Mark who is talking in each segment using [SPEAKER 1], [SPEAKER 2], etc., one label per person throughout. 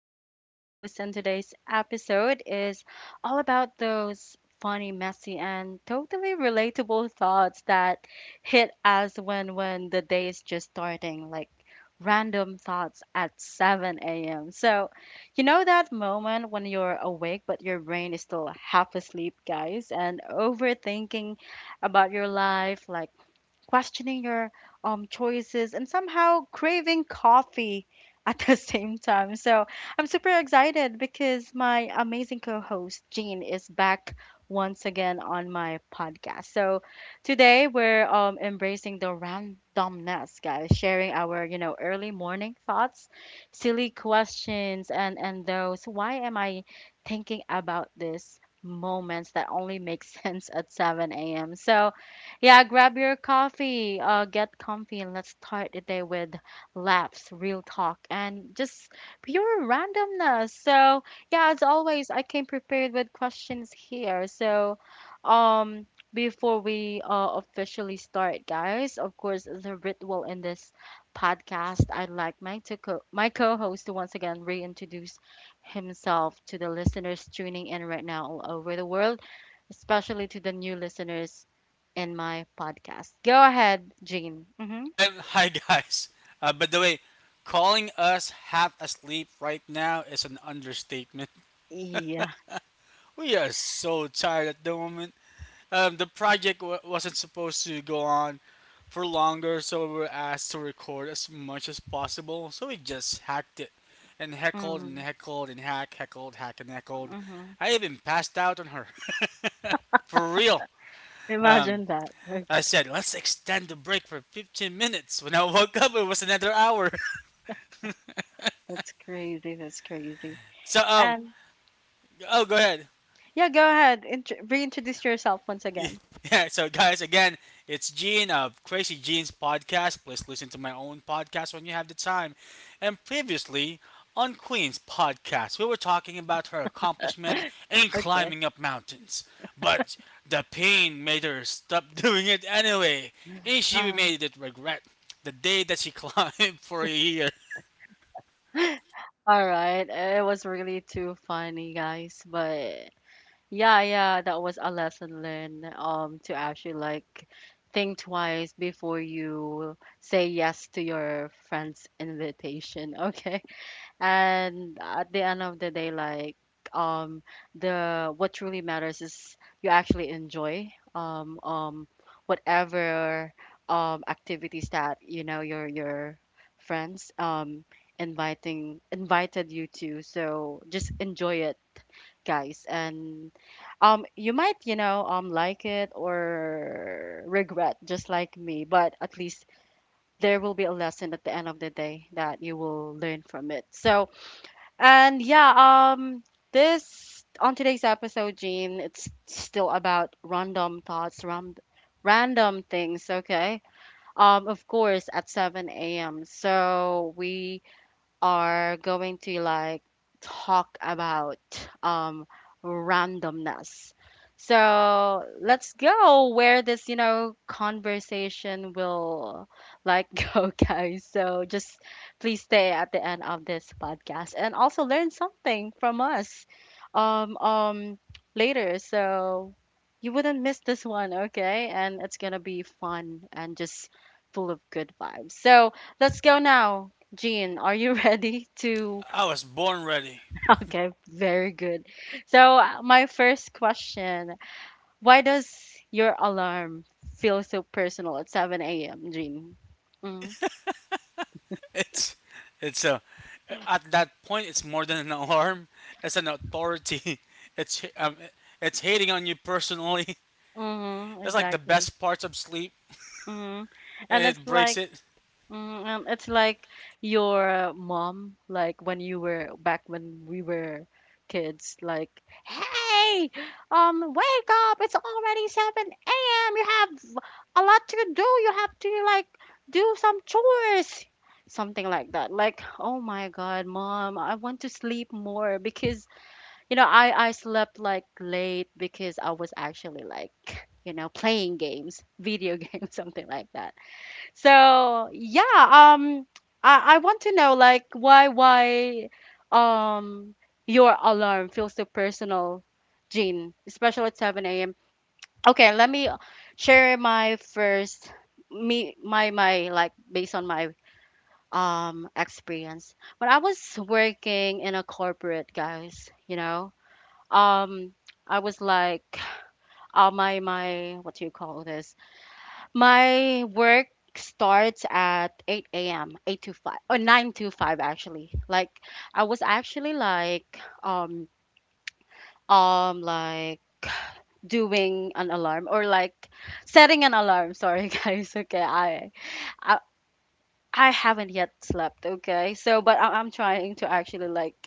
[SPEAKER 1] Queenie, your host, and today's episode is all about those funny, messy, and totally relatable thoughts that hit us when the day is just starting, like random thoughts at 7 a.m. So, you know that moment when you're awake but your brain is still half asleep, guys, and overthinking about your life, like questioning your choices, and somehow craving coffee at the same time. So I'm super excited because my amazing co host, Jean, is back once again on my podcast. So today we're embracing the randomness, guys, sharing our, you know, early morning thoughts, silly questions, and those why am I thinking about this moments that only make sense at 7 a.m. So, yeah, grab your coffee, get comfy, and let's start the day with laughs, real talk, and just pure randomness. So, yeah, as always, I came prepared with questions here. So, um, before we officially start, guys, of course, the ritual in this podcast, I'd like my co-host to once again reintroduce himself to the listeners tuning in right now all over the world, especially to the new listeners in my podcast. Go ahead, Jean. Mm-hmm.
[SPEAKER 2] Hi guys. By the way, calling us half asleep right now is an understatement.
[SPEAKER 1] Yeah.
[SPEAKER 2] We are so tired at the moment. The project wasn't supposed to go on for longer, so we were asked to record as much as possible. So we just hacked it and heckled and
[SPEAKER 1] Mm,
[SPEAKER 2] heckled and hack, heckled, hack and heckled.
[SPEAKER 1] mm-hmm.
[SPEAKER 2] I even passed out on her for real. Um,
[SPEAKER 1] Imagine that.
[SPEAKER 2] I
[SPEAKER 1] Okay.
[SPEAKER 2] said let's extend the break for 15 minutes. When I woke up, it was another hour.
[SPEAKER 1] That's crazy. That's crazy.
[SPEAKER 2] So um,
[SPEAKER 1] And
[SPEAKER 2] Oh, go ahead.
[SPEAKER 1] yeah, go ahead. Reintroduce yourself once again.
[SPEAKER 2] Yeah, so guys, again, it's Gene of Crazy Gene's podcast. Please listen to my own podcast when you have the time. And previously on Queen's podcast, we were talking about her accomplishment in
[SPEAKER 1] Okay.
[SPEAKER 2] climbing up mountains. But the pain made her stop doing it anyway, and she
[SPEAKER 1] Uh,
[SPEAKER 2] made it regret the day that she climbed for a year.
[SPEAKER 1] all right. It was really too funny, guys. But yeah, yeah, that was a lesson learned. To actually like think twice before you say yes to your friend's invitation. Okay. And at the end of the day, like um the what truly matters is you actually enjoy um um whatever activities that you know your friends inviting invited you to. So just enjoy it, guys. And you might, like it or regret just like me, but at least there will be a lesson at the end of the day that you will learn from it. So and yeah, this on today's episode, Gene, it's still about random thoughts, ram random things, okay? Of course, at 7 a.m. So we are going to like talk about um randomness. So let's go where this conversation will like go, guys. So just please stay at the end of this podcast and also learn something from us um um later. So you wouldn't miss this one, okay? And it's gonna be fun and just full of good vibes. So let's go now, Jean, are you ready to?
[SPEAKER 2] I was born ready.
[SPEAKER 1] Okay, very good. So, my first question, why does your alarm feel so personal at 7 a.m., Jean? Mm-hmm,
[SPEAKER 2] It's it's a At that point, it's more than an alarm. It's an authority. It's um, it's hating on you personally.
[SPEAKER 1] mm-hmm,
[SPEAKER 2] It's like the
[SPEAKER 1] exactly.
[SPEAKER 2] best parts of sleep,
[SPEAKER 1] Mm-hmm. And
[SPEAKER 2] and
[SPEAKER 1] it's
[SPEAKER 2] it breaks
[SPEAKER 1] like,
[SPEAKER 2] it.
[SPEAKER 1] Mm, um, it's like your mom, like when you were back when we were kids, like, hey, wake up! It's already 7 a.m. You have a lot to do. You have to like do some chores, something like that. Like, oh my God, mom, I want to sleep more because I slept like late because I was actually like playing games, video games, something like that. So yeah, I want to know like why um your alarm feels so personal, Jean, especially at 7 a.m. Okay, let me share my first me my my like based on my experience. When I was working in a corporate, guys, you know, um, I was like, my what do you call this? My work starts at 8 a.m., 8 to 5, or 9 to 5 actually. Like I was actually um like doing an alarm or like setting an alarm. Sorry guys. Okay. I I haven't yet slept, okay? So but I'm trying to actually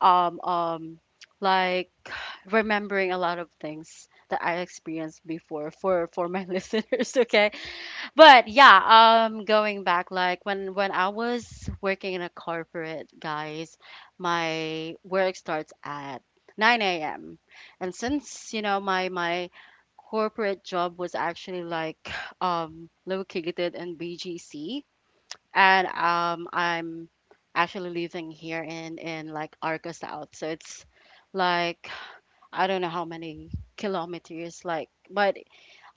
[SPEAKER 1] um um like remembering a lot of things that I experienced before for my listeners, okay? But yeah, going back, like when I was working in a corporate, guys, my work starts at 9 a.m. And since, you know, my corporate job was actually like located in BGC, and I'm actually living here in like Arca South, so it's like I don't know how many kilometers, like, but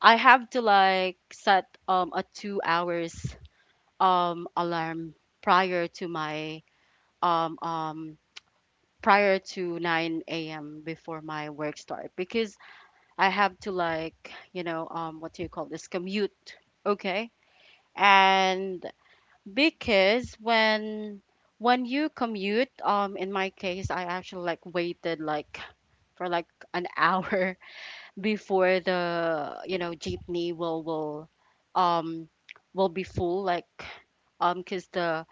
[SPEAKER 1] I have to like set a 2 hours alarm prior to my um um prior to 9 a.m. before my work start because I have to like what do you call this commute, okay, and because when you commute in my case I actually like waited like for like an hour before the jeepney um will be full, like, because the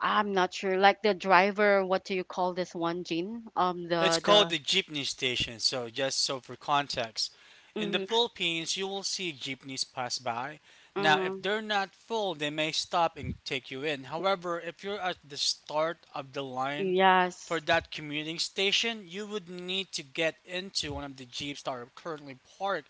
[SPEAKER 1] I'm not sure, like the driver, what do you call this one, Jean?
[SPEAKER 2] It's called
[SPEAKER 1] The
[SPEAKER 2] the jeepney station, so just so for context. In the
[SPEAKER 1] Mm.
[SPEAKER 2] Philippines, you will see jeepneys pass by. Now, if
[SPEAKER 1] Mm.
[SPEAKER 2] they're not full, they may stop and take you in. However, if you're at the start of the line for
[SPEAKER 1] Yes.
[SPEAKER 2] that commuting station, you would need to get into one of the jeeps that are currently parked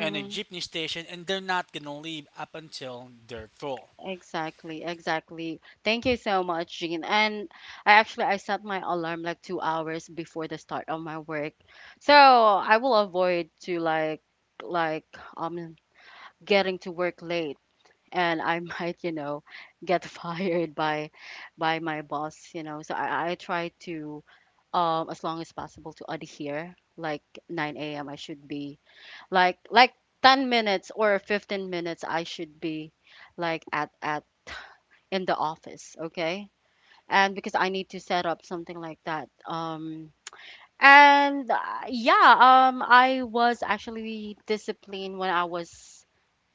[SPEAKER 2] in a jeepney station, and they're not gonna leave up until they're full.
[SPEAKER 1] Exactly, exactly. Thank you so much, Jean. And I actually I set my alarm like 2 hours before the start of my work, so I will avoid to like um getting to work late, and I might, get fired by my boss. So I try to as long as possible to adhere. Like 9 a.m. I should be like 10 minutes or 15 minutes, I should be like at in the office, okay? And because I need to set up something like that. And yeah, I was actually disciplined when I was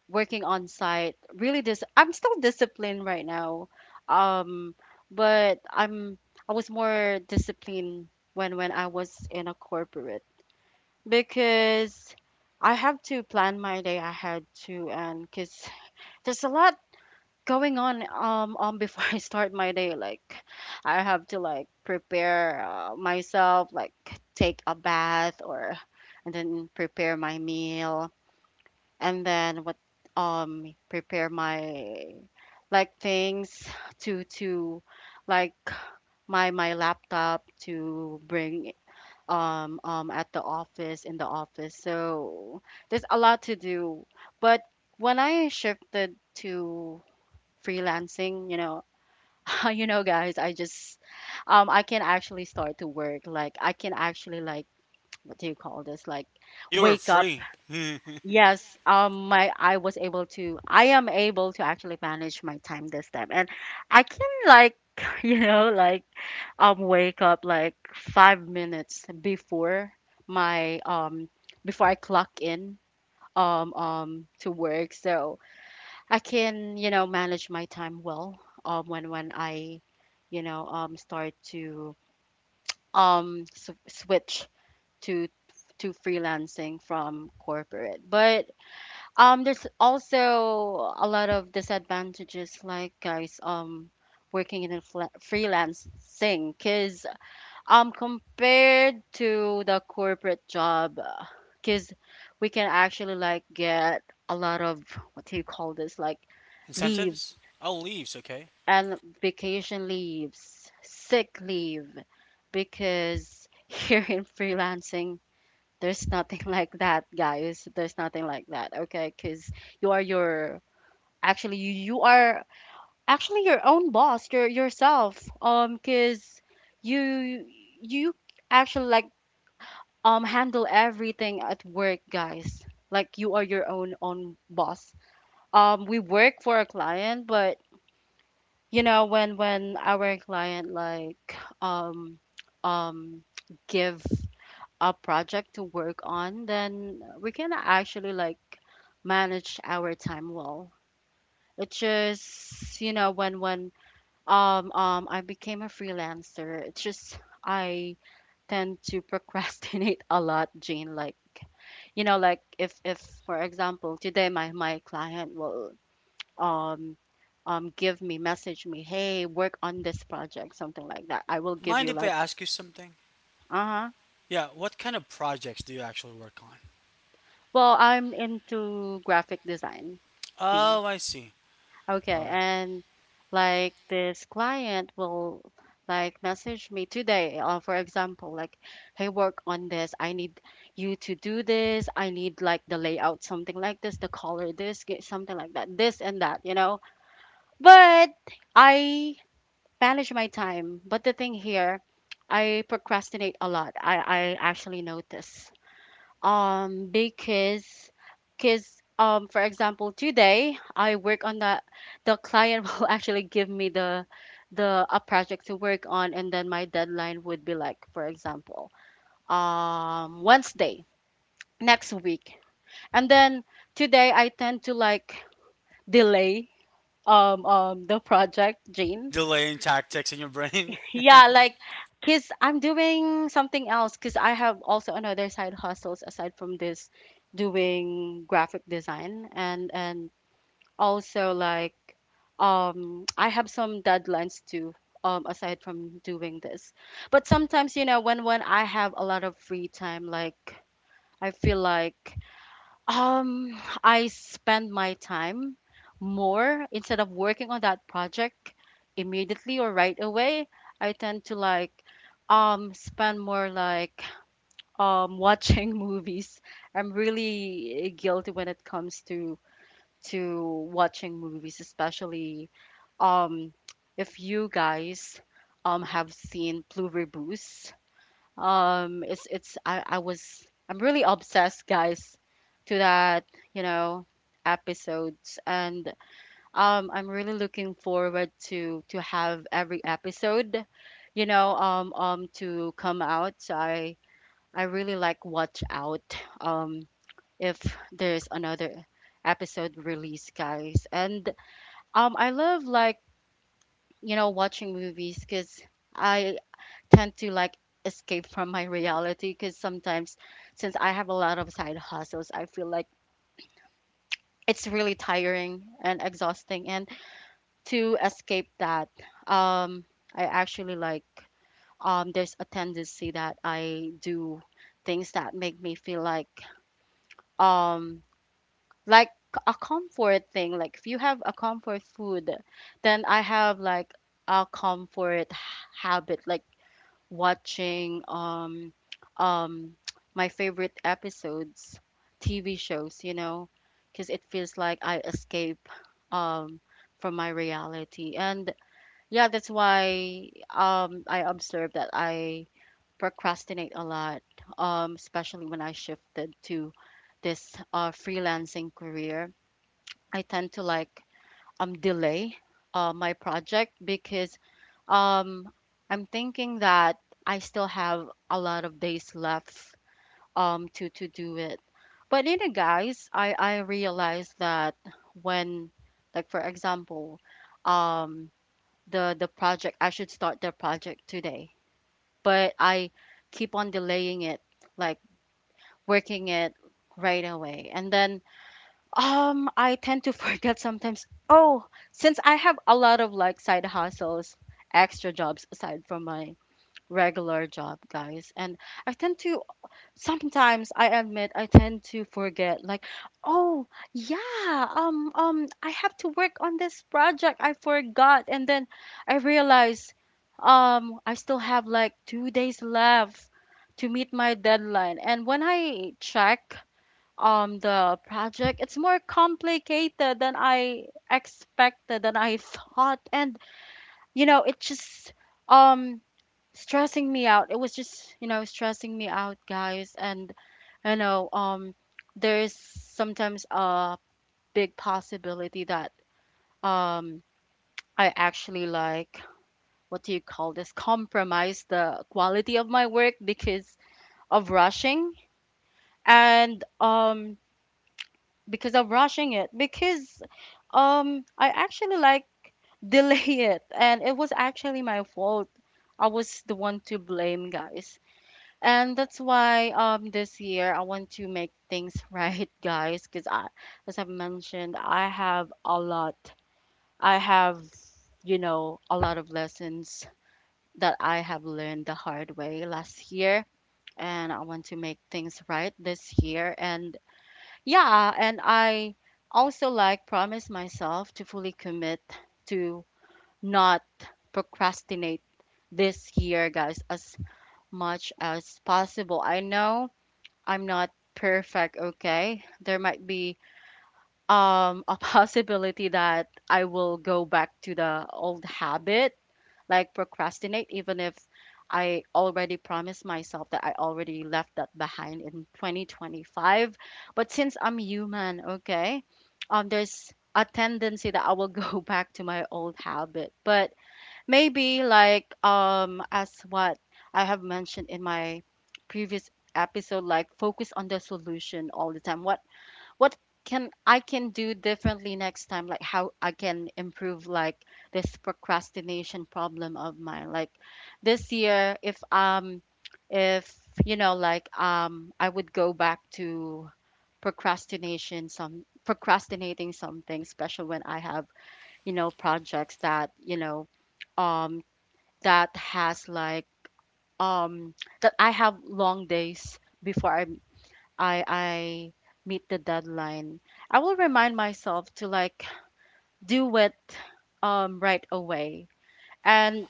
[SPEAKER 1] working on site, really dis I'm still disciplined right now, um but I was more disciplined when I was in a corporate because I have to plan my day ahead too, and because there's a lot going on before I start my day, like I have to like prepare myself, like take a bath, or and then prepare my meal, and then what prepare my like things, to like my laptop to bring at the office in the office. So there's a lot to do. But when I shifted to freelancing, you know, guys, I just I can actually start to work. Like I can actually like what do you call this? Like
[SPEAKER 2] You are
[SPEAKER 1] wake up.
[SPEAKER 2] free.
[SPEAKER 1] Yes, my I am able to actually manage my time this time, and I can like you know like wake up like 5 minutes before my before I clock in to work, so I can manage my time well when I start to s switch to to freelancing from corporate, but there's also a lot of disadvantages, like guys, working in a freelance thing, cause compared to the corporate job, cause we can actually like get a lot of what do you call this, like leaves
[SPEAKER 2] Incentives? Oh, leaves, okay.
[SPEAKER 1] and vacation leaves, sick leave, because here in freelancing, there's nothing like that, guys. There's nothing like that, okay? Cause you are your actually you are actually your own boss, yourself, because you you actually like handle everything at work, guys, like you are your own boss. Um, we work for a client, but when our client like um um give a project to work on, then we can actually like manage our time well. It's just when I became a freelancer. It's just I tend to procrastinate a lot, Jane. Like, like if for example today my client will um give me message me, hey, work on this project, something like that. I will give
[SPEAKER 2] Mind
[SPEAKER 1] you
[SPEAKER 2] if I
[SPEAKER 1] like,
[SPEAKER 2] ask you something?
[SPEAKER 1] uh-huh.
[SPEAKER 2] Yeah, what kind of projects do you actually work on?
[SPEAKER 1] Well, I'm into graphic design, Jane.
[SPEAKER 2] Oh, I see. All
[SPEAKER 1] Okay,
[SPEAKER 2] right.
[SPEAKER 1] and like this client will like message me today, for example, like, hey, work on this. I need you to do this. I need like the layout, something like this, the color, this, get something like that, this and that. But I manage my time. But the thing here, I procrastinate a lot. I actually notice um because because for example today I work on that, the client will actually give me the a project to work on, and then my deadline would be like for example Wednesday next week, and then today I tend to like delay the project,
[SPEAKER 2] The
[SPEAKER 1] Jane.
[SPEAKER 2] delaying tactics in your brain.
[SPEAKER 1] Yeah, like, cause I'm doing something else. Cause I have also another side hustles aside from this, doing graphic design and also like, I have some deadlines too. Aside from doing this, but sometimes when I have a lot of free time, like I feel like um, I spend my time more instead of working on that project immediately or right away. I tend to like spend more like watching movies. I'm really guilty when it comes to watching movies, especially um if you guys have seen Blue Boost. It's I was I'm really obsessed, guys, to that, you know, episodes, and I'm really looking forward to have every episode, to come out. So I really like watch out, if there's another episode release, guys, and I love watching movies because. I tend to like escape from my reality because sometimes since I have a lot of side hustles, I feel like it's really tiring and exhausting. And to escape that, um, I actually like there's a tendency that I do things that make me feel um like a comfort thing. Like if you have a comfort food, then I have like a comfort habit. Like watching um my favorite episodes, TV shows, you know, because it feels like I escape um from my reality. And yeah, that's why I observed that I procrastinate a lot, especially when I shifted to this freelancing career. I tend to like delay my project because um, I'm thinking that I still have a lot of days left to do it. But you know, guys, I realized that when, like for example, um the project I should start the project today, but I keep on delaying it, like working it right away. And then I tend to forget sometimes, oh, since I have a lot of like side hustles, extra jobs aside from my regular job, guys. And I tend to, sometimes I admit, I tend to forget, like, oh, yeah, I have to work on this project. I forgot. And then I realize, I still have like 2 days left to meet my deadline. And when I check, the project it's more complicated than I expected than I thought and you know it just um stressing me out. It was just, you know, stressing me out, guys. And you know, there is sometimes a big possibility that um, I actually like what do you call this? Compromise the quality of my work because of rushing and because of rushing it because I actually like delay it, and it was actually my fault. I was the one to blame, guys. And that's why this year I want to make things right, guys, because I as I've mentioned, I have a lot. I have, you know, a lot of lessons that I have learned the hard way last year and I want to make things right this year and yeah, and I also like promise myself to fully commit to not procrastinate this year, guys, as much as possible. I know I'm not perfect, okay? There might be a possibility that I will go back to the old habit, like procrastinate even if I already promised myself that I already left that behind in 2025. But since I'm human, okay? There's a tendency that I will go back to my old habit. But maybe like as what I have mentioned in my previous episode, like focus on the solution all the time. What can I can do differently next time? Like how I can improve like this procrastination problem of mine. Like this year, if you know like I would go back to procrastination some procrastinating something, especially when I have you know projects that you know um that has like um that I have long days before I meet the deadline. I will remind myself to like do it right away. And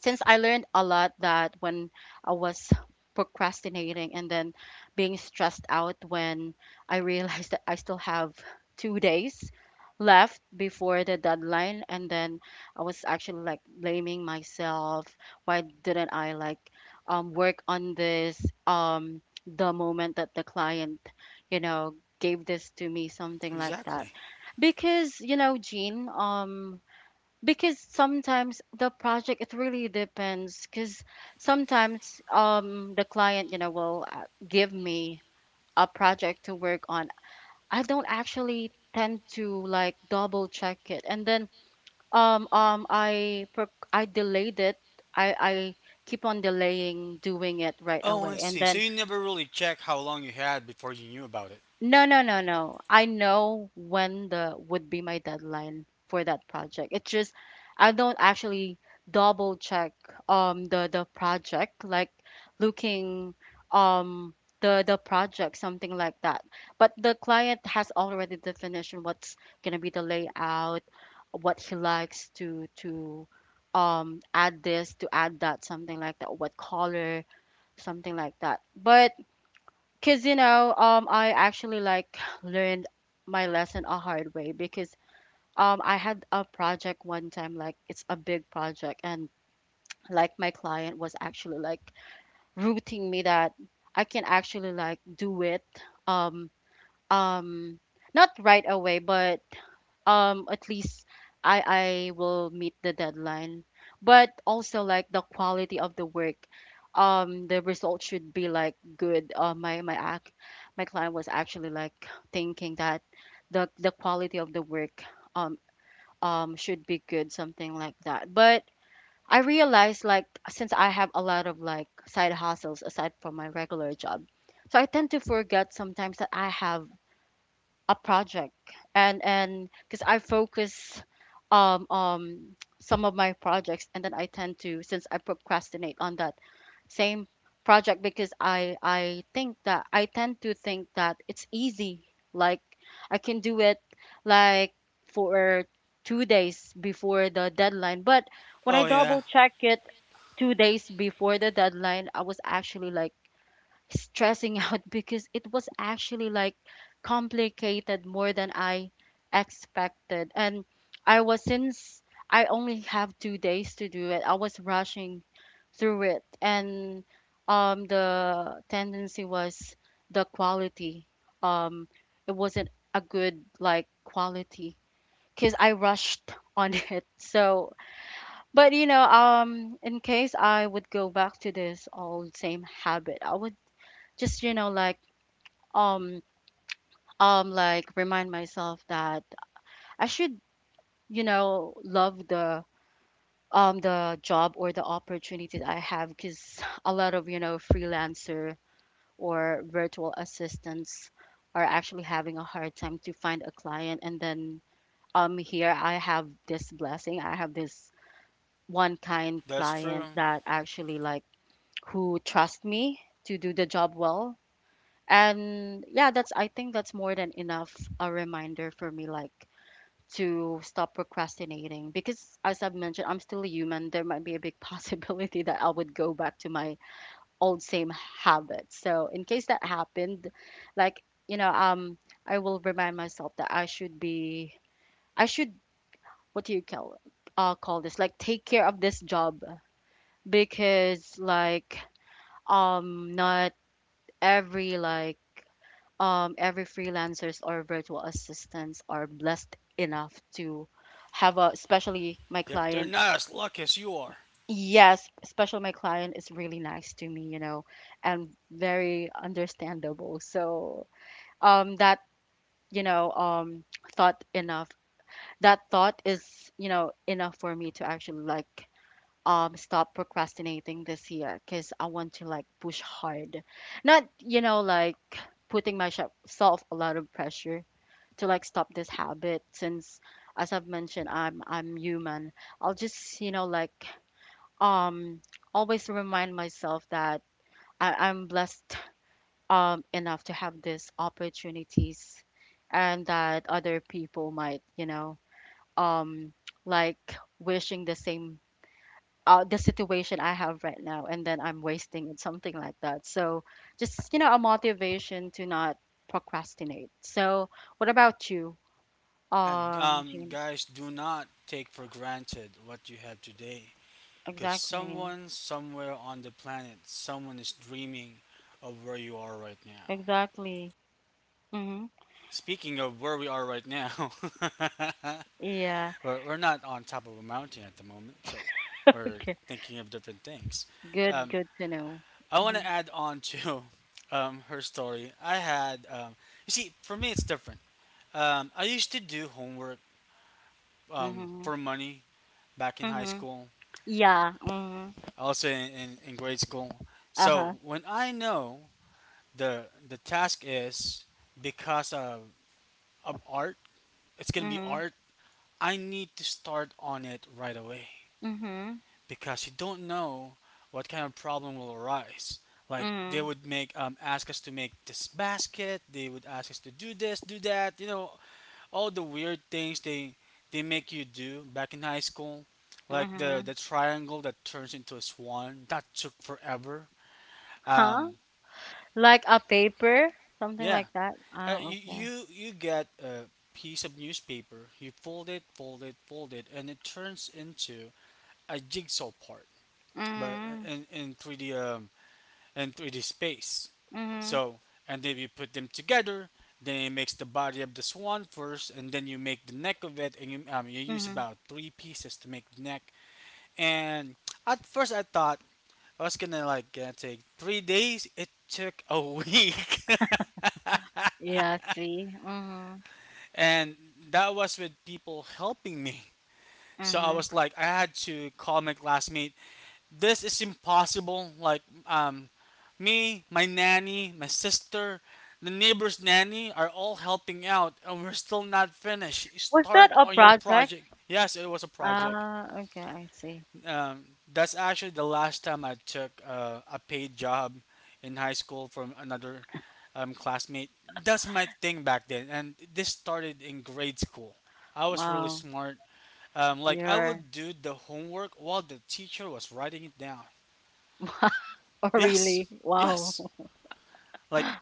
[SPEAKER 1] since I learned a lot that when I was procrastinating and then being stressed out when I realized that I still have 2 days left before the deadline and then I was actually like blaming myself why didn't I like work on this um the moment that the client you know gave this to me something like
[SPEAKER 2] Exactly.
[SPEAKER 1] that because you know Jean because sometimes the project it really depends because sometimes the client you know will give me a project to work on. I don't actually tend to like double check it and then I delayed it. I keep on delaying doing it right
[SPEAKER 2] Oh, I
[SPEAKER 1] away
[SPEAKER 2] see.
[SPEAKER 1] and
[SPEAKER 2] So
[SPEAKER 1] then
[SPEAKER 2] you never really check how long you had before you knew about it.
[SPEAKER 1] no, no, no, no. I know when the would be my deadline for that project. It's just I don't actually double check the project like looking um the project something like that. But the client has already definition what's gonna be the layout, what he likes to add this to add that something like that, what color something like that. But cause you know, I actually like learned my lesson a hard way because I had a project one time, like it's a big project, and like my client was actually like rooting me that I can actually like do it, um, um, not right away, but at least I will meet the deadline. But also like the quality of the work, the result should be like good. My client was actually like thinking that the quality of the work um should be good, something like that. But I realized like since I have a lot of like side hustles aside from my regular job, so I tend to forget sometimes that I have a project and because I focus some of my projects and then I tend to since I procrastinate on that same project because I think that I tend to think that it's easy like I can do it like for 2 days before the deadline but when I
[SPEAKER 2] Oh,
[SPEAKER 1] double
[SPEAKER 2] yeah,
[SPEAKER 1] check it 2 days before the deadline I was actually like stressing out because it was actually like complicated more than I expected. And I was since I only have 2 days to do it, I was rushing through it. And the tendency was the quality. Um, it wasn't a good like quality because I rushed on it. So, but you know, in case I would go back to this old same habit, I would just you know um like remind myself that I should you know love the job or the opportunity that I have because a lot of you know freelancer or virtual assistants are actually having a hard time to find a client and then here I have this blessing I have this one kind
[SPEAKER 2] that's true.
[SPEAKER 1] client that actually like who trust me to do the job well and yeah that's I think that's more than enough a reminder for me like to stop procrastinating because as I've mentioned, I'm still a human. There might be a big possibility that I would go back to my old same habits. So in case that happened, like, you know, I will remind myself that I should be I should what do you call call this? Like take care of this job because like not every like every freelancers or virtual assistants are blessed enough to have a especially my
[SPEAKER 2] Yep, they're
[SPEAKER 1] client
[SPEAKER 2] not as lucky as you are.
[SPEAKER 1] yes, especially my client is really nice to me, you know, and very understandable. So, that, you know, um, thought enough. That thought is, you know, enough for me to actually like, stop procrastinating this year because I want to like push hard. Not, you know, like putting myself a lot of pressure to like stop this habit since, as I've mentioned, I'm human. I'll just, you know, like um always remind myself that I'm blessed enough to have these opportunities and that other people might, you know, um like wishing the same the situation I have right now and then I'm wasting it, something like that. So just, you know, a motivation to not procrastinate. So what about you?
[SPEAKER 2] Yeah,
[SPEAKER 1] Jean.
[SPEAKER 2] guys, do not take for granted what you have today. Because
[SPEAKER 1] Exactly.
[SPEAKER 2] someone somewhere on the planet, someone is dreaming of where you are right now.
[SPEAKER 1] Exactly. Mm-hmm.
[SPEAKER 2] Speaking of where we are right now,
[SPEAKER 1] Yeah.
[SPEAKER 2] but we're not on top of a mountain at the moment, so we're
[SPEAKER 1] Okay.
[SPEAKER 2] thinking of different things.
[SPEAKER 1] Good,
[SPEAKER 2] Um,
[SPEAKER 1] good to know.
[SPEAKER 2] I want to
[SPEAKER 1] Mhm,
[SPEAKER 2] add on to her story. You see, for me it's different. I used to do homework
[SPEAKER 1] mhm,
[SPEAKER 2] for money back in high
[SPEAKER 1] mhm.
[SPEAKER 2] school,
[SPEAKER 1] Yeah. Mhm.
[SPEAKER 2] also in grade school. So
[SPEAKER 1] Uh-huh.
[SPEAKER 2] when I know the task is because of art, it's gonna be
[SPEAKER 1] Mhm,
[SPEAKER 2] art. I need to start on it right away.
[SPEAKER 1] mhm,
[SPEAKER 2] Because you don't know what kind of problem will arise. Like they
[SPEAKER 1] mhm,
[SPEAKER 2] would make ask us to make this basket. They would ask us to do this, do that. You know all the weird things they make you do back in high school, like the
[SPEAKER 1] mhm.
[SPEAKER 2] the triangle that turns into a swan. That took forever. Um,
[SPEAKER 1] Huh? Like a paper, something
[SPEAKER 2] yeah,
[SPEAKER 1] like that.
[SPEAKER 2] uh,
[SPEAKER 1] Oh,
[SPEAKER 2] y-
[SPEAKER 1] okay.
[SPEAKER 2] you you get a piece of newspaper. You fold it, fold it, fold it, and it turns into a jigsaw part. But
[SPEAKER 1] Mhm,
[SPEAKER 2] in 3D and 3D space.
[SPEAKER 1] mhm,
[SPEAKER 2] So, and then you put them together, then it makes the body of the swan first, and then you make the neck of it, and you use
[SPEAKER 1] mhm.
[SPEAKER 2] about three pieces to make the neck. And at first, I thought I was gonna take 3 days. It took a week,
[SPEAKER 1] Yeah. See. Mhm,
[SPEAKER 2] and that was with people helping me. So I
[SPEAKER 1] mhm.
[SPEAKER 2] was like, I had to call my classmate this is impossible. Like me, my nanny, my sister, the neighbor's nanny are all helping out, and we're still not finished.
[SPEAKER 1] Was
[SPEAKER 2] Start
[SPEAKER 1] that a
[SPEAKER 2] on your
[SPEAKER 1] project?
[SPEAKER 2] project. Yes, it was a project.
[SPEAKER 1] Ah, okay. I see.
[SPEAKER 2] Um, that's actually the last time I took a paid job in high school from another classmate. That's my thing back then, and this started in grade school. I was really
[SPEAKER 1] Wow.
[SPEAKER 2] smart. Like I would
[SPEAKER 1] You're.
[SPEAKER 2] do the homework while the teacher was writing it down.
[SPEAKER 1] Oh,
[SPEAKER 2] Yes.
[SPEAKER 1] really? Wow.
[SPEAKER 2] Yes. Like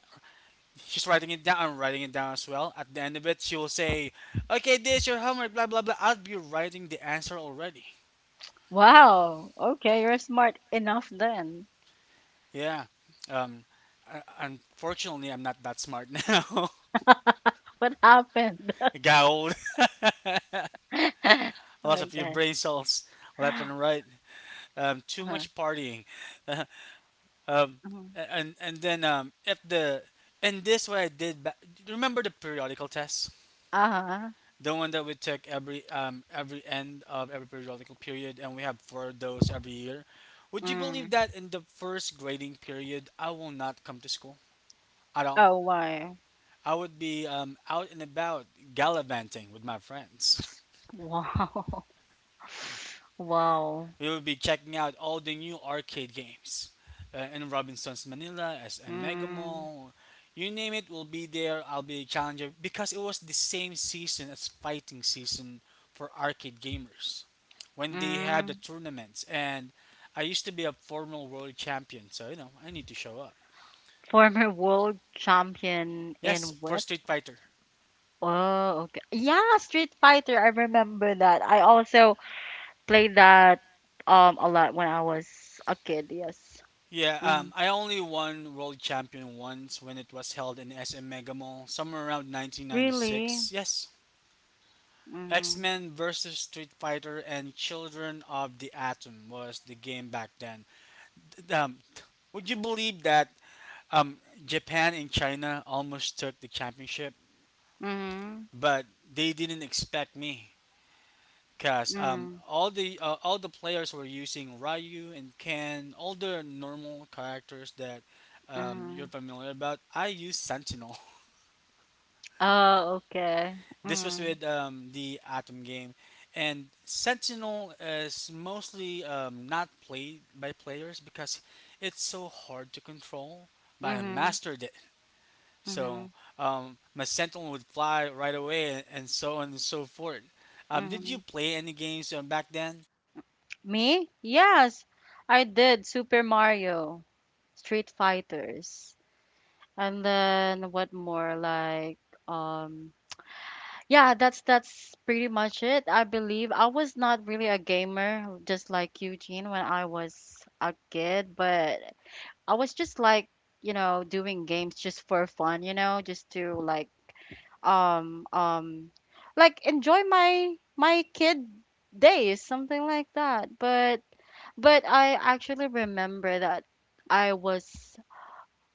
[SPEAKER 2] she's writing it down. I'm writing it down as well. At the end of it, she will say, "Okay, this your homework." Blah blah blah. I'll be writing the answer already.
[SPEAKER 1] Wow. Okay. You're smart enough then.
[SPEAKER 2] Yeah. Um. Unfortunately, I'm not that smart now.
[SPEAKER 1] What happened?
[SPEAKER 2] I got old. Lots of your
[SPEAKER 1] Okay.
[SPEAKER 2] brain cells left
[SPEAKER 1] Uh,
[SPEAKER 2] and right. Too much partying. Um.
[SPEAKER 1] mhm.
[SPEAKER 2] And then. If the and this what I did. Remember the periodical tests.
[SPEAKER 1] Uh-huh.
[SPEAKER 2] The one that we take every end of every periodical period, and we have four of those every year. Would you believe
[SPEAKER 1] Mm.
[SPEAKER 2] that in the first grading period I will not come to school at all?
[SPEAKER 1] Oh, wow.
[SPEAKER 2] I would be out and about gallivanting with my friends.
[SPEAKER 1] Wow. Wow.
[SPEAKER 2] We will be checking out all the new arcade games in Robinson's Manila, as a Mega
[SPEAKER 1] Mm.
[SPEAKER 2] Mall. You name it, we'll be there. I'll be a challenger because it was the same season as fighting season for arcade gamers when they had the
[SPEAKER 1] Mm.
[SPEAKER 2] tournaments. And I used to be a former world champion, so you know I need to show up.
[SPEAKER 1] Former world champion
[SPEAKER 2] Yes,
[SPEAKER 1] in
[SPEAKER 2] for
[SPEAKER 1] what?
[SPEAKER 2] Street Fighter.
[SPEAKER 1] Oh, okay. Yeah, Street Fighter. I remember that. I also played that a lot when I was a kid. Yes.
[SPEAKER 2] Yeah,
[SPEAKER 1] Mm.
[SPEAKER 2] I only won world champion once when it was held in SM Mega Mall, somewhere around
[SPEAKER 1] Really?
[SPEAKER 2] 1996. Yes, X
[SPEAKER 1] Mm.
[SPEAKER 2] Men versus Street Fighter and Children of the Atom was the game back then. Um, would you believe that um, Japan and China almost took the championship,
[SPEAKER 1] Mm.
[SPEAKER 2] but they didn't expect me because
[SPEAKER 1] Mm.
[SPEAKER 2] all the players were using Ryu and Ken, all the normal characters that you're
[SPEAKER 1] Mm.
[SPEAKER 2] familiar about. I use Sentinel.
[SPEAKER 1] Oh, okay.
[SPEAKER 2] This was
[SPEAKER 1] Mm.
[SPEAKER 2] with the Atom game, and Sentinel is mostly not played by players because it's so hard to control. But I
[SPEAKER 1] Mm-hmm.
[SPEAKER 2] mastered it,
[SPEAKER 1] Mm-hmm.
[SPEAKER 2] so my Sentinel would fly right away, and so on and so forth. Did you
[SPEAKER 1] Mm-hmm.
[SPEAKER 2] play any games back then?
[SPEAKER 1] Me? Yes, I did Super Mario, Street Fighters, and then what more? Like, um, yeah, that's pretty much it. I believe I was not really a gamer, just like Eugene when I was a kid, but I was just like, doing games just for fun, just to um, um, like enjoy my kid days, something like that. But I actually remember that I was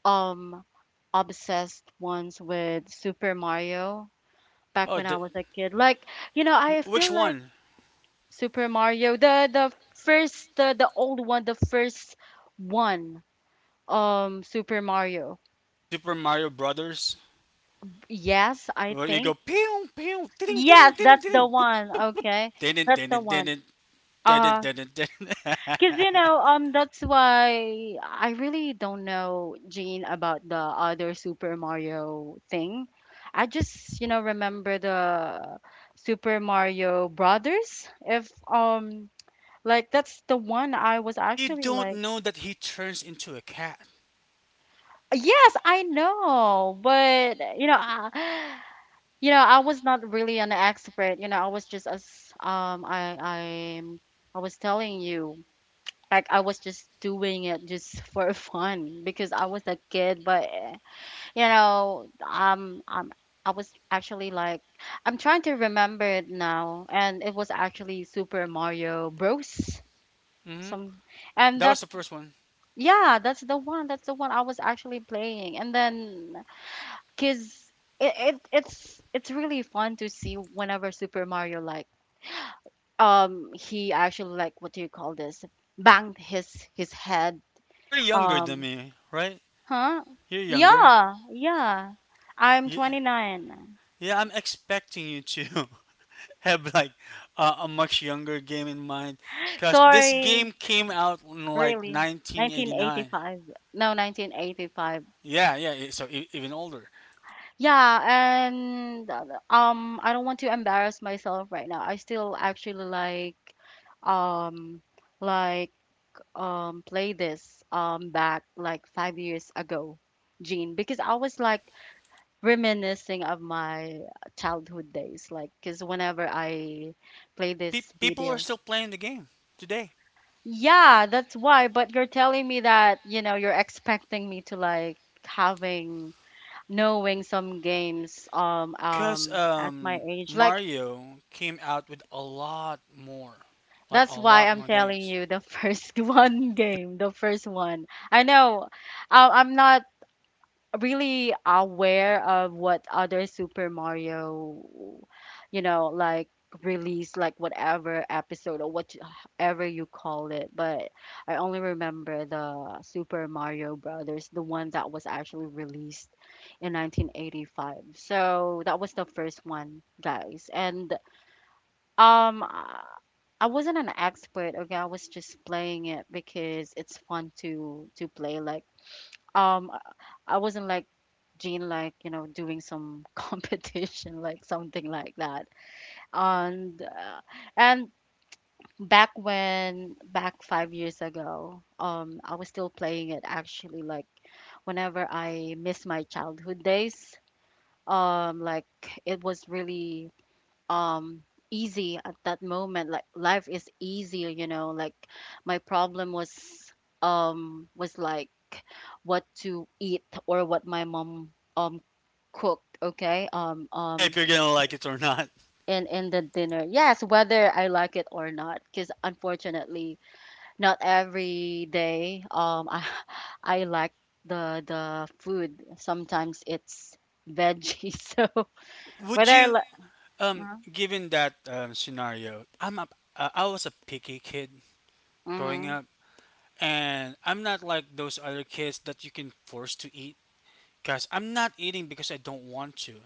[SPEAKER 1] um obsessed once with Super Mario back
[SPEAKER 2] Oh,
[SPEAKER 1] when I was a kid. Like, you know, I
[SPEAKER 2] which
[SPEAKER 1] feel like
[SPEAKER 2] one?
[SPEAKER 1] Super Mario, the first the old one, the first one, Super Mario.
[SPEAKER 2] Super Mario Brothers.
[SPEAKER 1] Yes, I
[SPEAKER 2] Well, you go
[SPEAKER 1] think.
[SPEAKER 2] pew pew ting ting ting
[SPEAKER 1] Yes,
[SPEAKER 2] ting
[SPEAKER 1] that's the
[SPEAKER 2] ting
[SPEAKER 1] one. Okay.
[SPEAKER 2] ting
[SPEAKER 1] That's the one.
[SPEAKER 2] ting ting ting
[SPEAKER 1] Uh,
[SPEAKER 2] ting ting.
[SPEAKER 1] Because you know, that's why I really don't know Jean about the other Super Mario thing. I just you know remember the Super Mario Brothers. If like that's the one I was
[SPEAKER 2] So you
[SPEAKER 1] actually
[SPEAKER 2] don't
[SPEAKER 1] like,
[SPEAKER 2] know that he turns into a cat.
[SPEAKER 1] yes, I know, but you know, I, I was not really an expert. You know, I was just as um, I I I was telling you. Like I was just doing it just for fun because I was a kid, but you know, I was actually like, I'm trying to remember it now, and it was actually Super Mario Bros.
[SPEAKER 2] Hmm.
[SPEAKER 1] Some, and
[SPEAKER 2] That was
[SPEAKER 1] that's
[SPEAKER 2] the first one.
[SPEAKER 1] Yeah, that's the one. That's the one I was actually playing, and then cause it's really fun to see whenever Super Mario like he actually like what do you call this, banged his head.
[SPEAKER 2] You're younger than
[SPEAKER 1] um
[SPEAKER 2] me, right?
[SPEAKER 1] Huh?
[SPEAKER 2] You're younger.
[SPEAKER 1] Yeah, yeah. I'm
[SPEAKER 2] Yeah,
[SPEAKER 1] 29.
[SPEAKER 2] yeah, I'm expecting you to have like a much younger game in mind because this
[SPEAKER 1] Sorry,
[SPEAKER 2] game came out in like
[SPEAKER 1] really.
[SPEAKER 2] 1989.
[SPEAKER 1] 1985. No, 1985.
[SPEAKER 2] Yeah, yeah. So even older.
[SPEAKER 1] Yeah, and I don't want to embarrass myself right now. I still actually like um like play this back like 5 years ago, Gene, because I was like reminiscing of my childhood days, like cuz whenever I play
[SPEAKER 2] No,
[SPEAKER 1] this
[SPEAKER 2] people are
[SPEAKER 1] video.
[SPEAKER 2] still playing the game today
[SPEAKER 1] Yeah, that's why. But you're telling me that, you know, you're expecting me to like having knowing some games
[SPEAKER 2] because
[SPEAKER 1] at my age. Like
[SPEAKER 2] Mario came out with a lot more, like a
[SPEAKER 1] that's why
[SPEAKER 2] lot
[SPEAKER 1] I'm
[SPEAKER 2] more games.
[SPEAKER 1] telling you the first one game, the first one. I know, I'm not really aware of what other Super Mario, you know, like release, like whatever episode or whatever you call it. But I only remember the Super Mario Brothers, the one that was actually released in 1985. So that was the first one, guys. And um, I I wasn't an expert. Okay, I was just playing it because it's fun to play. Like um I I wasn't like Jean, like you know, doing some competition, like something like that. And and back when, back 5 years ago, I was still playing it actually, like whenever I miss my childhood days. Like it was really um easy at that moment, like life is easier, you know. Like my problem was like what to eat, or what my mom um cooked, okay.
[SPEAKER 2] Yeah, if you're gonna like it or not.
[SPEAKER 1] In the dinner, yes, whether I like it or not, because unfortunately not every day i like the food. Sometimes it's veggie so whether
[SPEAKER 2] Would
[SPEAKER 1] I
[SPEAKER 2] you,
[SPEAKER 1] like,
[SPEAKER 2] Given that scenario, I was a picky kid growing
[SPEAKER 1] mm-hmm,
[SPEAKER 2] up, and I'm not like those other kids that you can force to eat. Because I'm not eating because I don't want to.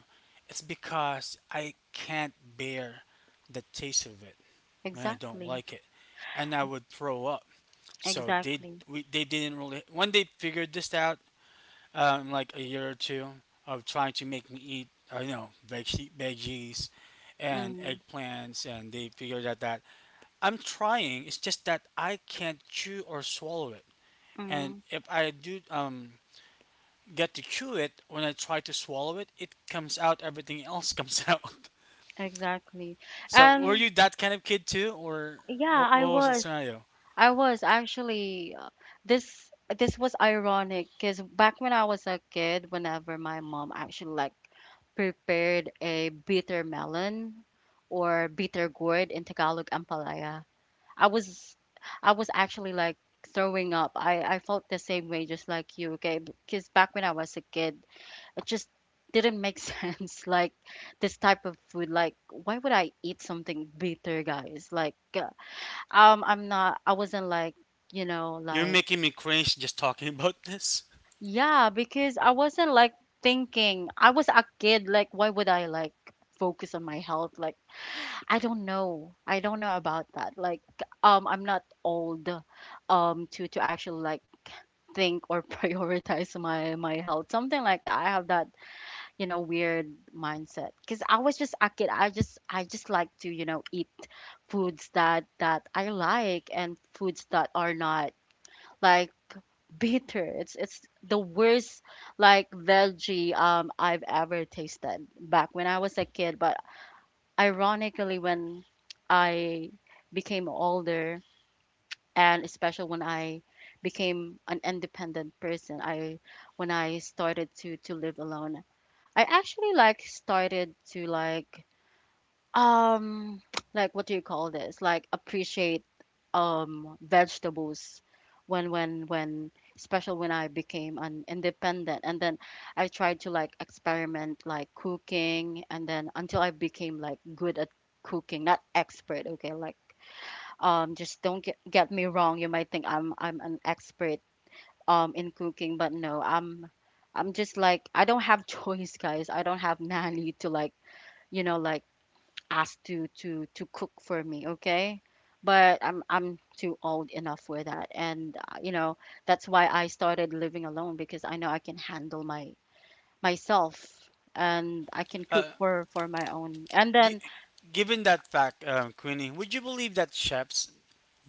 [SPEAKER 2] It's because I can't bear the taste of it when I don't
[SPEAKER 1] exactly.
[SPEAKER 2] like it, and I would throw up. So they
[SPEAKER 1] Exactly.
[SPEAKER 2] we, they didn't really when they figured this out like a year or two of trying to make me eat, veggies and
[SPEAKER 1] Mm-hmm.
[SPEAKER 2] eggplants, and they figured out that I'm trying. It's just that I can't chew or swallow it, and
[SPEAKER 1] Mm-hmm.
[SPEAKER 2] if I do get to chew it, when I try to swallow it, it comes out. Everything else comes out.
[SPEAKER 1] Exactly.
[SPEAKER 2] So were
[SPEAKER 1] And
[SPEAKER 2] you that kind of kid too, or
[SPEAKER 1] yeah,
[SPEAKER 2] what,
[SPEAKER 1] I
[SPEAKER 2] what was the
[SPEAKER 1] was.
[SPEAKER 2] scenario?
[SPEAKER 1] I was actually this this was ironic because back when I was a kid, whenever my mom actually like prepared a bitter melon or bitter gourd, in Tagalog ampalaya, I was I was actually like throwing up. I felt the same way just like you, okay? Because back when I was a kid, it just didn't make sense, like this type of food, like why would I eat something bitter, guys, like I wasn't like, you know,
[SPEAKER 2] You're
[SPEAKER 1] like,
[SPEAKER 2] making me cringe just talking about this.
[SPEAKER 1] yeah, because I wasn't like thinking. I was a kid, like why would I like focus on my health, like I don't know about that. Like I'm not old to actually like think or prioritize my health, something like that. I have that, you know, weird mindset because I was just a kid. I just like to, you know, eat foods that I like, and foods that are not like bitter. It's the worst like veggie I've ever tasted back when I was a kid. But ironically, when I became older, and especially when I became an independent person, I when I started to live alone, I actually like started to like, um like what do you call this, like appreciate vegetables, when especially when I became an independent. And then I tried to like experiment like cooking, and then until I became like good at cooking, not expert, okay? Like just don't get me wrong, you might think I'm an expert in cooking, but no, i'm just like, I don't have choice, guys. I don't have nanny to like, you know, like ask to cook for me, okay. But i'm too old enough for that. And you know, that's why I started living alone, because I know I can handle my myself,
[SPEAKER 2] Um,
[SPEAKER 1] and I can
[SPEAKER 2] uh,
[SPEAKER 1] cook for my own. And
[SPEAKER 2] Gi-
[SPEAKER 1] then,
[SPEAKER 2] Given that fact, Queenie, would you believe that chefs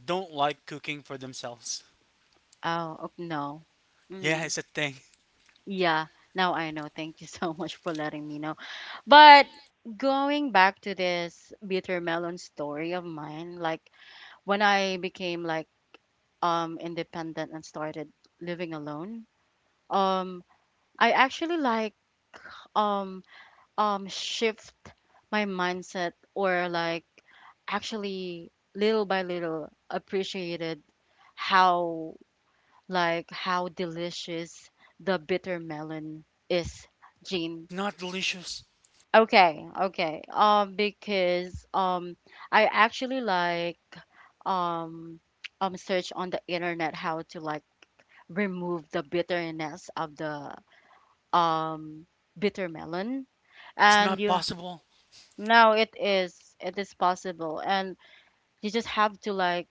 [SPEAKER 2] don't like cooking for themselves?
[SPEAKER 1] oh no.
[SPEAKER 2] Yeah,
[SPEAKER 1] Mm.
[SPEAKER 2] it's a thing.
[SPEAKER 1] Yeah, now I know. Thank you so much for letting me know. But going back to this bitter melon story of mine, like when I became like independent and started living alone, um I actually like um shift my mindset, or like actually little by little appreciated how, like how delicious the bitter melon is, Jean.
[SPEAKER 2] It's not delicious.
[SPEAKER 1] Okay, okay. Because I actually like um, search on the internet how to like remove the bitterness of the um bitter melon.
[SPEAKER 2] It's
[SPEAKER 1] And
[SPEAKER 2] not
[SPEAKER 1] you
[SPEAKER 2] possible.
[SPEAKER 1] now it is possible, and you just have to like,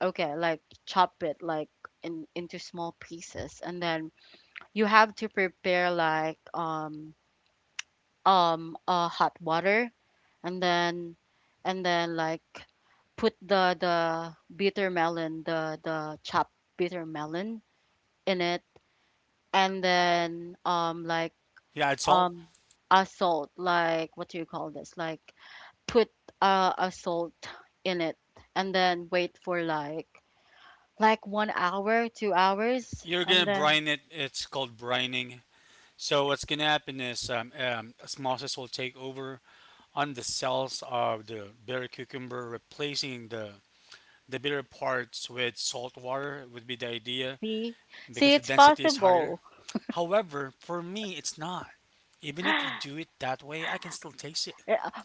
[SPEAKER 1] okay, like chop it like in into small pieces, and then you have to prepare like hot water, and then like put the bitter melon, the chopped bitter melon in it, and then like
[SPEAKER 2] Yeah, add salt.
[SPEAKER 1] um a salt, like what do you call this? Like put a salt in it, and then wait for like 1 hour, two
[SPEAKER 2] Yep,
[SPEAKER 1] hours,
[SPEAKER 2] you're
[SPEAKER 1] and
[SPEAKER 2] gonna
[SPEAKER 1] then
[SPEAKER 2] brine it. It's called brining. So what's gonna happen is osmosis will take over on the cells of the bitter cucumber, replacing the bitter parts with salt water would be the idea,
[SPEAKER 1] see see
[SPEAKER 2] because the
[SPEAKER 1] it's
[SPEAKER 2] density is higher.
[SPEAKER 1] possible.
[SPEAKER 2] However, for me, it's not. Even if you do it that way, I can still taste it.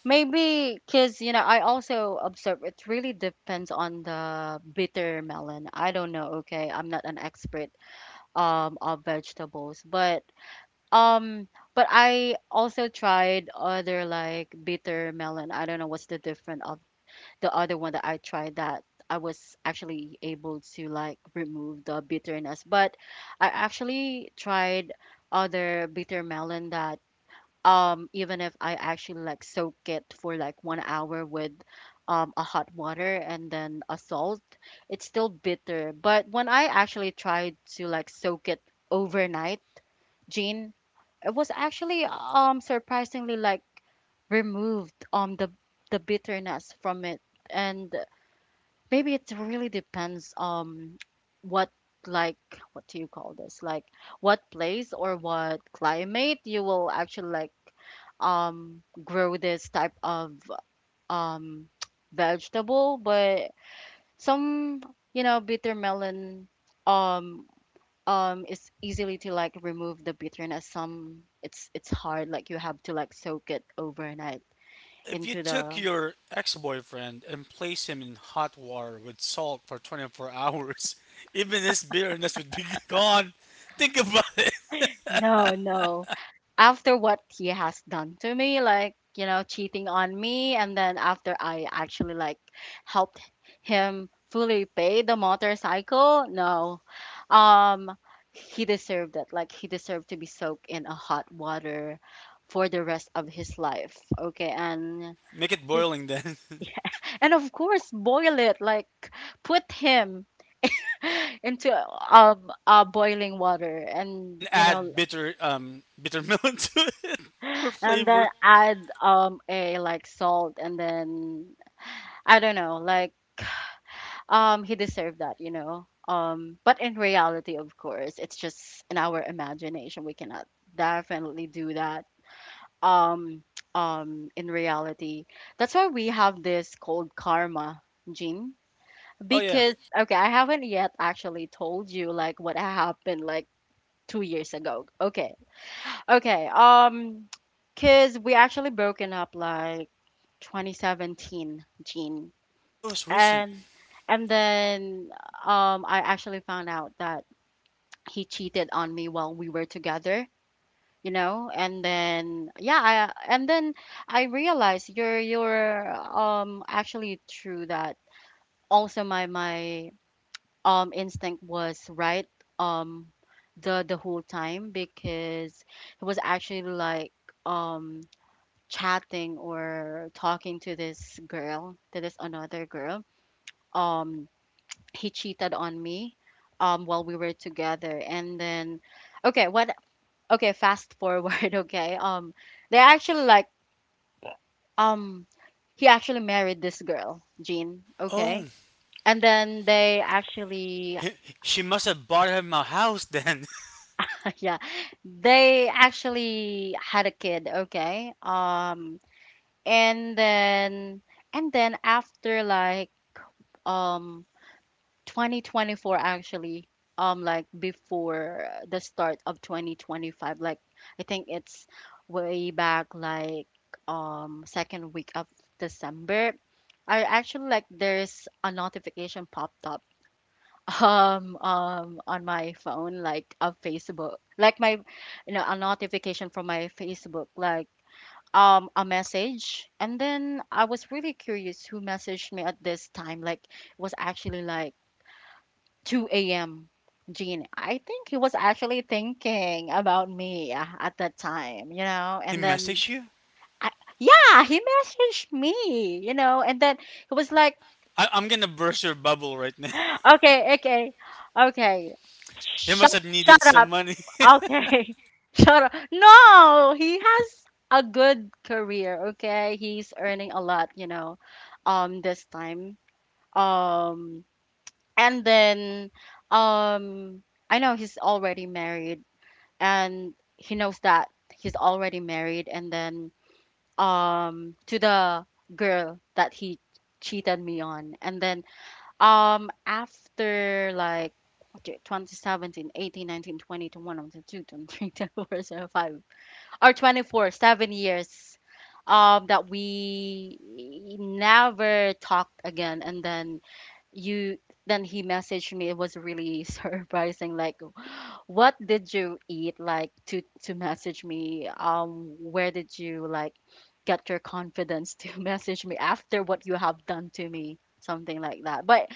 [SPEAKER 1] Maybe because, you know, I also observe it really depends on the bitter melon. I don't know, okay? I'm not an expert of vegetables, but um I also tried other like bitter melon. I don't know what's the difference of the other one that I tried, that I was actually able to like remove the bitterness. But I actually tried other bitter melon that even if I actually like soak it for like 1 hour with a hot water and then a salt, it's still bitter. But when I actually tried to like soak it overnight, Jean, it was actually surprisingly like removed the bitterness from it. And maybe it really depends what, like what do you call this, like what place or what climate you will actually like grow this type of um vegetable. But some, you know, bitter melon um is easily to like remove the bitterness. Some it's hard, like you have to like soak it overnight
[SPEAKER 2] Well, if you
[SPEAKER 1] into
[SPEAKER 2] took
[SPEAKER 1] the,
[SPEAKER 2] your ex-boyfriend and placed him in hot water with salt for 24 hours, even his bitterness would be gone. Think about it.
[SPEAKER 1] no, no, after what he has done to me, like you know, cheating on me, and then after I actually like helped him fully pay the motorcycle. No, um he deserved it, like he deserved to be soaked in a hot water for the rest of his life, okay. And
[SPEAKER 2] Make it
[SPEAKER 1] just,
[SPEAKER 2] boiling then,
[SPEAKER 1] and of course boil it, like put him into boiling water, and
[SPEAKER 2] and
[SPEAKER 1] you know,
[SPEAKER 2] add bitter milk to it for
[SPEAKER 1] and then
[SPEAKER 2] flavor.
[SPEAKER 1] add a like salt, and then I don't know, like he deserved that, you know, but in reality, of course, it's just in our imagination, we cannot definitely do that um in reality. That's why we have this called karma, Gene.
[SPEAKER 2] Oh yeah.
[SPEAKER 1] Because okay, I haven't yet actually told you like what happened like 2 years ago, okay. Okay, because we actually broken up like 2017, Gene.
[SPEAKER 2] Oh, it's recent.
[SPEAKER 1] And and then I actually found out that he cheated on me while we were together, you know? And then yeah, I and then I realized you're actually true that also my instinct was right um the whole time because it was actually like um chatting or talking to this girl, to this another girl. um he cheated on me while we were together. And then okay what okay, fast forward. okay they actually like um he actually married this girl, Jean. Okay,
[SPEAKER 2] Oh,
[SPEAKER 1] and then they actually—
[SPEAKER 2] she must have bought him a house then.
[SPEAKER 1] yeah, they actually had a kid. Okay, and then— and then after like, um 2024 actually, like before the start of 2025, like I think it's way back like second week of December. I actually, like, there's a notification popped up, on my phone, like of Facebook, like my— you know, a notification from my Facebook, like a message. And then I was really curious who messaged me at this time. Like, it was actually like 2 a.m. Gene, I think he was actually thinking about me at that time, you know?
[SPEAKER 2] He
[SPEAKER 1] And then
[SPEAKER 2] messaged you.
[SPEAKER 1] I, yeah, he messaged me, you know, and then he was like—
[SPEAKER 2] I'm gonna burst your bubble right now.
[SPEAKER 1] okay, okay, okay,
[SPEAKER 2] He must
[SPEAKER 1] shut,
[SPEAKER 2] have needed
[SPEAKER 1] shut up,
[SPEAKER 2] some money.
[SPEAKER 1] okay, shut up. No, he has a good career, okay? He's earning a lot, you know, this time, um, and then, um, I know he's already married, and he knows that he's already married. And then to the girl that he cheated me on. And then, after like, what do you— 2017 or 24, 7 years that we never talked again. And then you then he messaged me. It was really surprising, like, what did you eat, like, to message me? Where did you, like, get your confidence to message me after what you have done to me? Something like that. But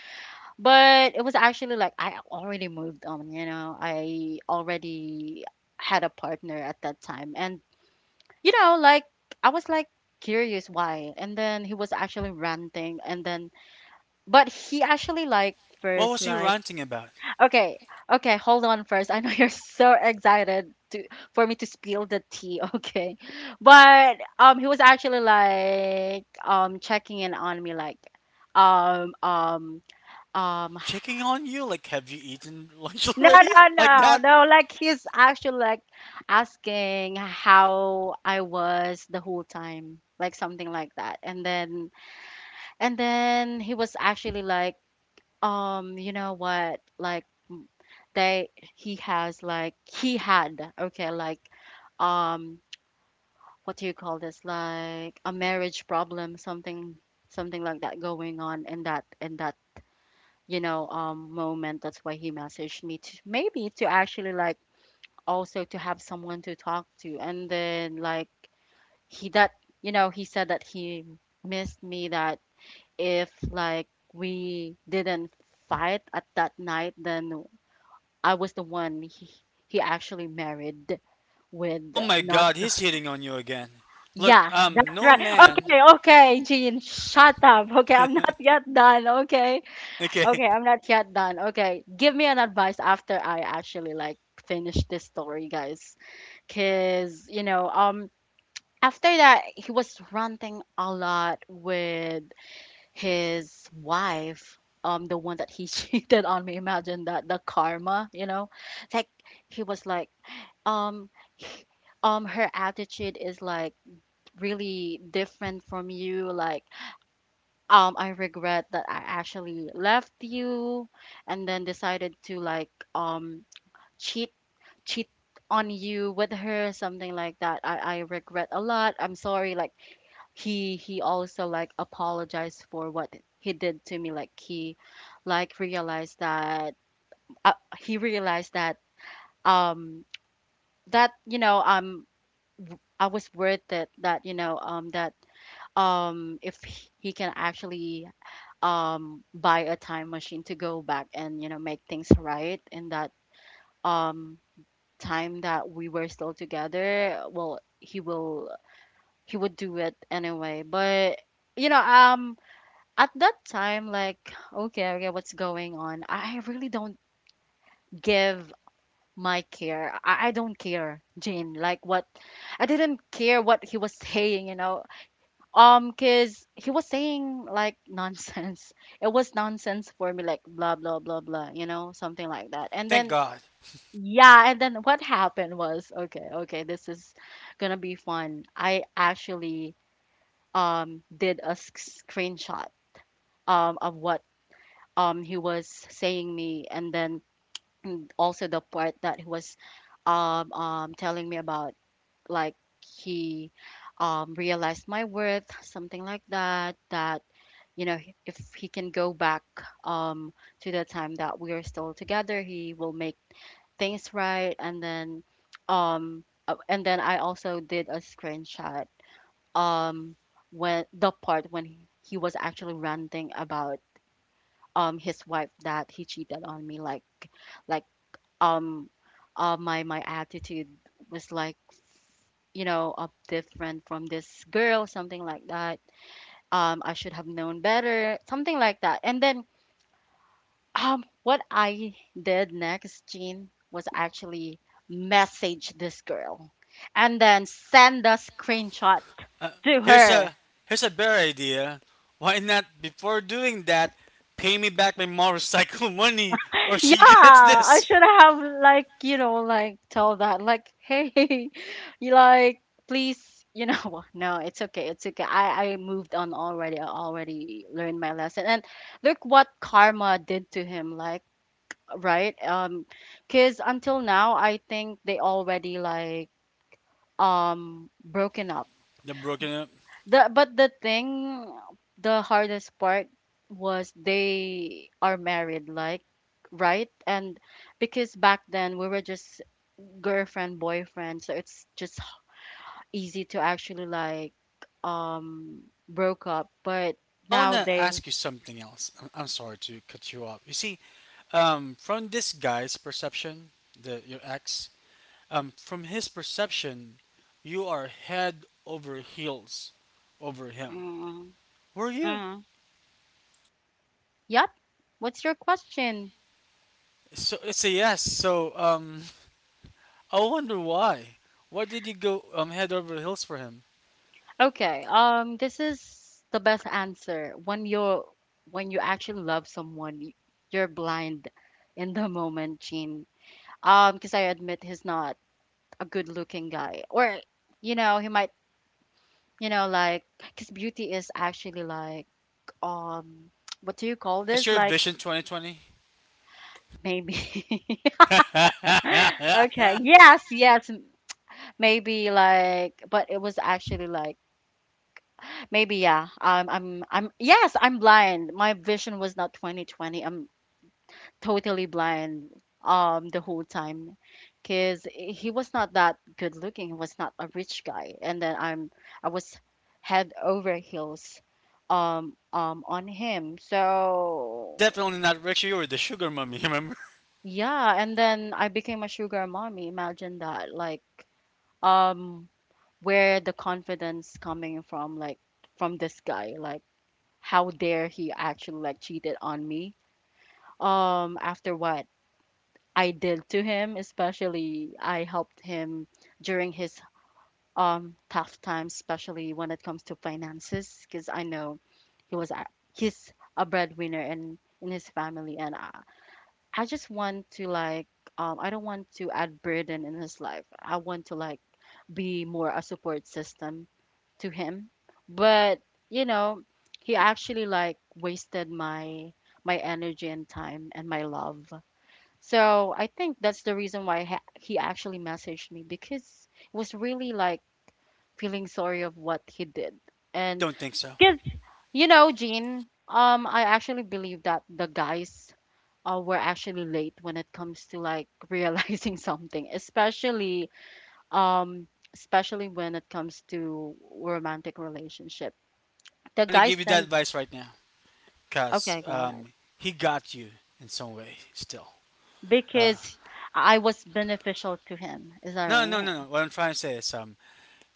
[SPEAKER 1] but it was actually like, I already moved on, you know. I already had a partner at that time. And, you know, like, I was like curious why. And then he was actually ranting. And then, but he actually, like,
[SPEAKER 2] What
[SPEAKER 1] first,
[SPEAKER 2] was he
[SPEAKER 1] like—
[SPEAKER 2] ranting about?
[SPEAKER 1] Okay, okay, hold on first. I know you're so excited to— for me to spill the tea, okay? But he was actually like, checking in on me, like um um um
[SPEAKER 2] Checking on you? Like, have you eaten lunch
[SPEAKER 1] no,
[SPEAKER 2] already?
[SPEAKER 1] no,
[SPEAKER 2] Like
[SPEAKER 1] no,
[SPEAKER 2] that?
[SPEAKER 1] no, like, he's actually like asking how I was the whole time, like something like that. And then— and then he was actually like, you know what? Like, they— he has like, he had, okay, like, um what do you call this, like a marriage problem, something— something like that going on in that, you know, moment. That's why he messaged me, to maybe to actually, like, also to have someone to talk to. And then, like, he that you know, he said that he missed me. That if, like, we didn't fight at that night, then I was the one he actually married with.
[SPEAKER 2] Oh
[SPEAKER 1] Uh,
[SPEAKER 2] my
[SPEAKER 1] not—
[SPEAKER 2] god, he's hitting on you again. Look,
[SPEAKER 1] yeah, that's
[SPEAKER 2] no
[SPEAKER 1] right.
[SPEAKER 2] man.
[SPEAKER 1] Okay, okay, Jean, shut up. Okay, I'm not yet done. Okay,
[SPEAKER 2] Okay,
[SPEAKER 1] okay, I'm not yet done. Okay, give me an advice after I actually, like, finish this story, guys. Cause you know, after that, he was ranting a lot with his wife, the one that he cheated on me. Imagine that, the karma, you know? Like, he was like, um her attitude is like really different from you. Like, I regret that I actually left you and then decided to, like, cheat cheat on you with her, something like that. I regret a lot. I'm sorry. Like, he also, like, apologized for what he did to me. Like, he, like, realized that— he realized that, um you know, I was worth it. That, you know, that if he can actually, buy a time machine to go back, and, you know, make things right in that, um time that we were still together. Well, he would do it anyway. But, you know, at that time, like, okay, okay, what's going on? I really don't give my care I don't care, Jane, like, what— I didn't care what he was saying, you know. Cause he was saying, like, nonsense. It was nonsense for me, like blah blah blah blah, you know, something like that. And
[SPEAKER 2] thank
[SPEAKER 1] then
[SPEAKER 2] God.
[SPEAKER 1] yeah, and then what happened was, okay, okay, this is gonna be fun. I actually, um did a sc- screenshot, of what, he was saying me. And then, mm, also the part that he was telling me about, like, he realized my worth, something like that. That, you know, he— if he can go back, um to the time that we are still together, he will make things right. And then, and then I also did a screenshot, um when the part when he was actually ranting about, his wife that he cheated on me, like um my attitude was like, you know, different from this girl, something like that. I should have known better, something like that. And then, um, what I did next, Jean, was actually message this girl and then send a screenshot
[SPEAKER 2] Uh,
[SPEAKER 1] to
[SPEAKER 2] here's a
[SPEAKER 1] her.
[SPEAKER 2] here's a better idea. Why not, before doing that, pay me back my motorcycle money, or she gets
[SPEAKER 1] Yeah, I
[SPEAKER 2] this.
[SPEAKER 1] should have, like, you know, like, tell that, like, hey, you, like, please, you know, what? No, it's okay. It's okay. I moved on already. I already learned my lesson. And look what karma did to him, like, right? Um, cuz until now, I think they already, like, broken up.
[SPEAKER 2] The broken up.
[SPEAKER 1] The but the thing the hardest part was they are married, like, right? And because back then we were just girlfriend, boyfriend, so it's just easy to actually, like, um broke up. But
[SPEAKER 2] I
[SPEAKER 1] now
[SPEAKER 2] wanna
[SPEAKER 1] they—
[SPEAKER 2] ask you something else. I'm sorry to cut you off. You see, from this guy's perception, the your ex, from his perception, you are head over heels over him.
[SPEAKER 1] mm,
[SPEAKER 2] Were you?
[SPEAKER 1] mm. Yep, what's your question?
[SPEAKER 2] So it's a yes. So I wonder why. Why did you go head over heels for him?
[SPEAKER 1] Okay. This is the best answer. When you actually love someone, you're blind in the moment, Gene. Because I admit, he's not a good-looking guy. Or, you know, he might, you know, like, because beauty is actually like, um, what do you call
[SPEAKER 2] It's
[SPEAKER 1] this?
[SPEAKER 2] your
[SPEAKER 1] Like,
[SPEAKER 2] vision, 2020.
[SPEAKER 1] maybe. Okay. Yes. Yes. Maybe, like, but it was actually like, maybe, yeah. I'm yes, I'm blind. My vision was not 2020. I'm totally blind, the whole time. Cuz he was not that good looking. He was not a rich guy. And then I was head over heels, on him.
[SPEAKER 2] It's
[SPEAKER 1] So,
[SPEAKER 2] definitely not Richie. You were the sugar mummy. Remember?
[SPEAKER 1] yeah, and then I became a sugar mommy. Imagine that. Like, um where the confidence coming from, like, from this guy, like, how dare he actually, like, cheated on me, after what I did to him, especially I helped him during his, tough times, especially when it comes to finances. Because I know he was a- he's a breadwinner in his family. And I just want to, like, I don't want to add burden in his life. I want to, like, be more a support system to him. But, you know, he actually, like, wasted my energy and time and my love. So I think that's the reason why he actually messaged me, because it was really like feeling sorry of what he did.
[SPEAKER 2] I
[SPEAKER 1] And
[SPEAKER 2] don't think so.
[SPEAKER 1] because, you know, Jean, I actually believe that the guys, were actually late when it comes to like realizing something, especially, um especially when it comes to romantic relationship.
[SPEAKER 2] I
[SPEAKER 1] The
[SPEAKER 2] want to
[SPEAKER 1] guy
[SPEAKER 2] give you that
[SPEAKER 1] sent.
[SPEAKER 2] advice right now, cause
[SPEAKER 1] Okay, God.
[SPEAKER 2] he got you in some way still. Uh,
[SPEAKER 1] Because I was beneficial to him. Is that
[SPEAKER 2] no, no,
[SPEAKER 1] right?
[SPEAKER 2] no, no. What I'm trying to say is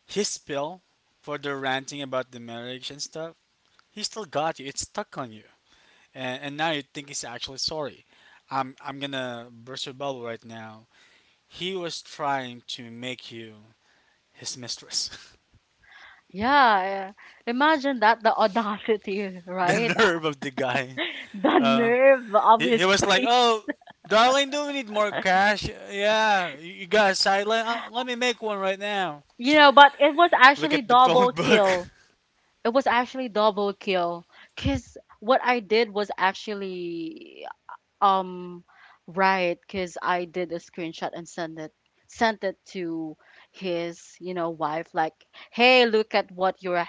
[SPEAKER 2] his spill for the ranting about the marriage and stuff, he still got you. It's stuck on you, and now you think he's actually sorry. I'm gonna burst your bubble right now. He was trying to make you his mistress.
[SPEAKER 1] Yeah, yeah. Imagine that, the audacity,
[SPEAKER 2] The
[SPEAKER 1] right?
[SPEAKER 2] nerve of the guy.
[SPEAKER 1] The
[SPEAKER 2] Uh,
[SPEAKER 1] nerve of
[SPEAKER 2] he
[SPEAKER 1] his
[SPEAKER 2] was like,
[SPEAKER 1] face.
[SPEAKER 2] "Oh, darling, do we need more cash? Yeah, you got a sideline. Let me make one right now."
[SPEAKER 1] You know, but it was
[SPEAKER 2] Look at
[SPEAKER 1] actually
[SPEAKER 2] the phone
[SPEAKER 1] double
[SPEAKER 2] book.
[SPEAKER 1] kill. It was actually double kill. Because what I did was actually, um, right, because I did a screenshot and sent it to his, you know, wife, like, "Hey, look at what your,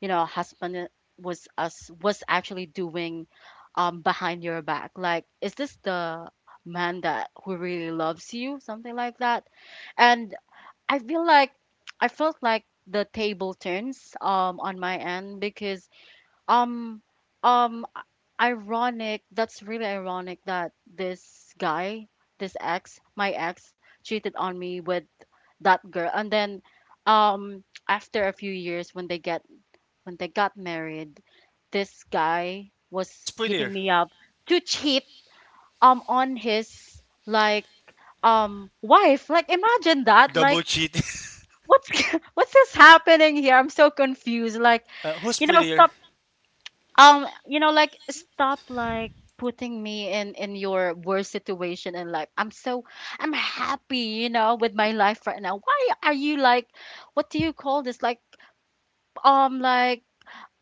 [SPEAKER 1] you know, husband was actually doing, behind your back. Like, is this the man that who really loves you?" Something like that. And I feel like— I felt like the table turns, on my end, because, um, ironic. That's really ironic that this guy, this ex, my ex, cheated on me with that girl. And then, um, after a few years, when they get when they got married, this guy was
[SPEAKER 2] Who's
[SPEAKER 1] hitting
[SPEAKER 2] prettier?
[SPEAKER 1] me up to cheat, on his, like, wife. Like, imagine that.
[SPEAKER 2] Double
[SPEAKER 1] Like,
[SPEAKER 2] cheat.
[SPEAKER 1] what's what's this happening here? I'm so confused. Like,
[SPEAKER 2] Who's
[SPEAKER 1] you know,
[SPEAKER 2] prettier?
[SPEAKER 1] stop, you know, like, stop, like, putting me in your worst situation in life. I'm so— I'm happy, you know, with my life right now. Why are you like— what do you call this, like, like,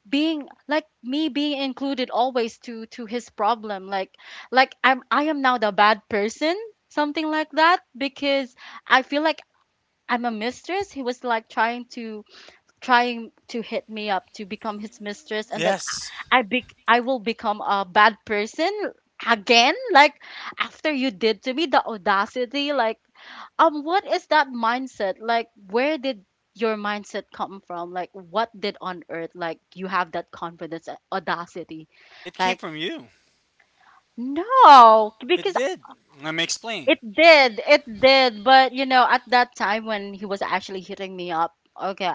[SPEAKER 1] being like— me being included always to his problem, like, I am now the bad person, something like that. Because I feel like I'm a mistress. He was like trying to— trying to hit me up to become his mistress. And then
[SPEAKER 2] Yes,
[SPEAKER 1] I will become a bad person again, like, after you did to me. The audacity, like, what is that mindset, like, where did your mindset come from? Like, what did on earth, like, you have that confidence and audacity,
[SPEAKER 2] it came
[SPEAKER 1] like—
[SPEAKER 2] from you.
[SPEAKER 1] no,
[SPEAKER 2] It
[SPEAKER 1] because
[SPEAKER 2] did. Let me explain.
[SPEAKER 1] it did, it did. But you know, at that time when he was actually hitting me up, okay,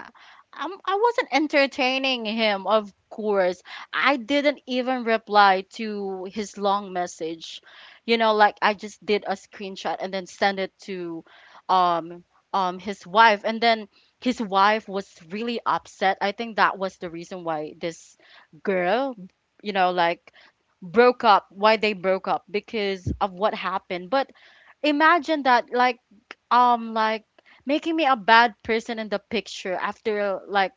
[SPEAKER 1] I wasn't entertaining him, of course. I didn't even reply to his long message. You know, like, I just did a screenshot and then sent it to, um his wife. And then his wife was really upset. I think that was the reason why this girl, you know, like, broke up, why they broke up, because of what happened. But imagine that like making me a bad person in the picture after like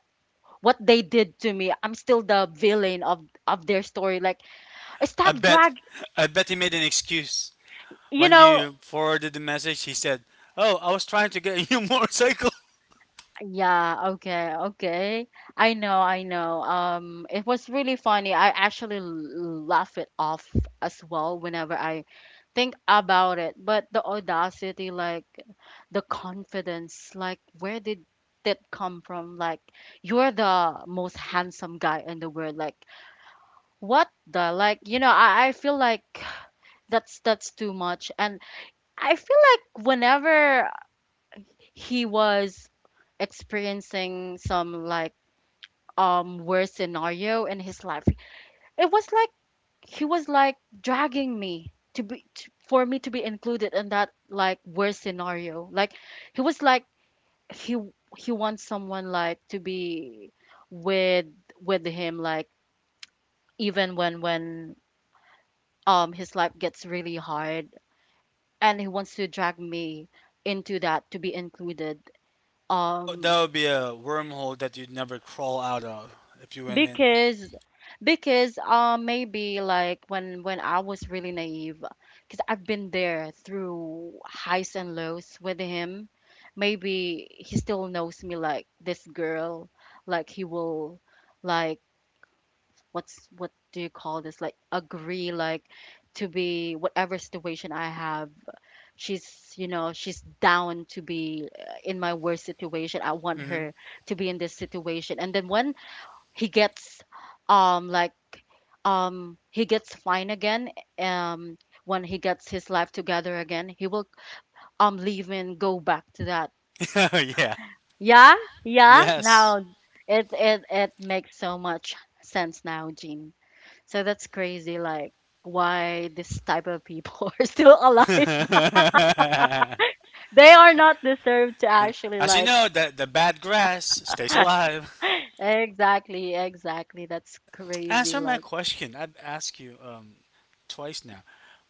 [SPEAKER 1] what they did to me. I'm still the villain of their story. Like
[SPEAKER 2] I
[SPEAKER 1] stop drag
[SPEAKER 2] bet I bet he made an excuse.
[SPEAKER 1] you
[SPEAKER 2] When
[SPEAKER 1] know
[SPEAKER 2] you forwarded the message, he said, "Oh, I was trying to get a new motorcycle."
[SPEAKER 1] Yeah, okay, okay. I know, I know. It was really funny. I actually laugh it off as well whenever I think about it. But the audacity, like the confidence, like where did that come from? Like you're the most handsome guy in the world. Like what the like, I feel like that's too much. And I feel like whenever he was experiencing some like worst scenario in his life. It was like he was like dragging me to be to, for me to be included in that like worst scenario. Like he was like he he wants someone like to be with with him like even when his life gets really hard and he wants to drag me into that to be included.
[SPEAKER 2] That would- that
[SPEAKER 1] Um
[SPEAKER 2] would be a wormhole that you'd never crawl out of if you went in.
[SPEAKER 1] because because maybe like when I was really naive, because I've been there through highs and lows with him. Maybe he still knows me like this girl, like he will like what's what do you call this, like agree, like to be whatever situation I have. She's, you know, she's down to be in my worst situation. I want
[SPEAKER 2] Mhm.
[SPEAKER 1] her to be in this situation. And then when he gets um like he gets fine again, um when he gets his life together again, he will leave and go back to that.
[SPEAKER 2] Yeah.
[SPEAKER 1] Yeah, yeah
[SPEAKER 2] Yes.
[SPEAKER 1] now it makes so much sense now, Jean. So that's crazy, like why this type of people are still alive. They are not deserved to actually
[SPEAKER 2] As you
[SPEAKER 1] like
[SPEAKER 2] know, the bad grass stays alive.
[SPEAKER 1] exactly, exactly, that's
[SPEAKER 2] But
[SPEAKER 1] crazy,
[SPEAKER 2] answer my
[SPEAKER 1] like
[SPEAKER 2] question. I've asked you twice now.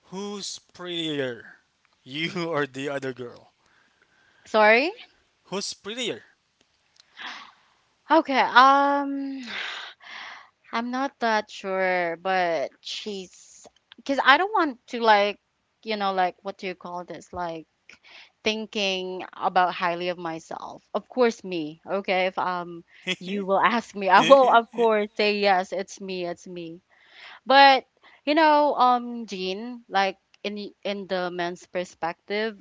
[SPEAKER 2] Who's prettier, you or the other girl?
[SPEAKER 1] sorry
[SPEAKER 2] Who's prettier?
[SPEAKER 1] okay I'm not that sure, but she's because I don't want to like, you know, like what do you call this? Like thinking about highly of myself. Of course, me. Okay, if you will ask me, I will of course say yes. It's me. It's me. But you know, Jean, like in the men's perspective,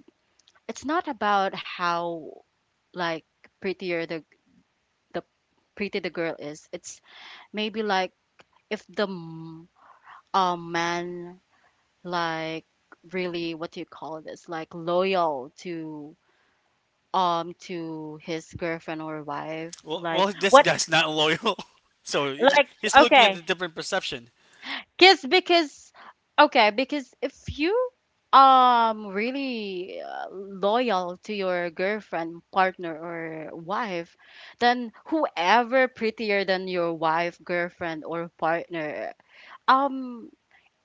[SPEAKER 1] it's not about how like prettier the the pretty the girl is. It's maybe like if the a man like really, what do you call this, like loyal to his girlfriend or wife,
[SPEAKER 2] Well,
[SPEAKER 1] like
[SPEAKER 2] well, this
[SPEAKER 1] what
[SPEAKER 2] guy's not loyal. So you know,
[SPEAKER 1] like
[SPEAKER 2] he's looking at
[SPEAKER 1] okay.
[SPEAKER 2] the different perception.
[SPEAKER 1] Because okay, because if you really loyal to your girlfriend, partner, or wife, then whoever prettier than your wife, girlfriend, or partner, um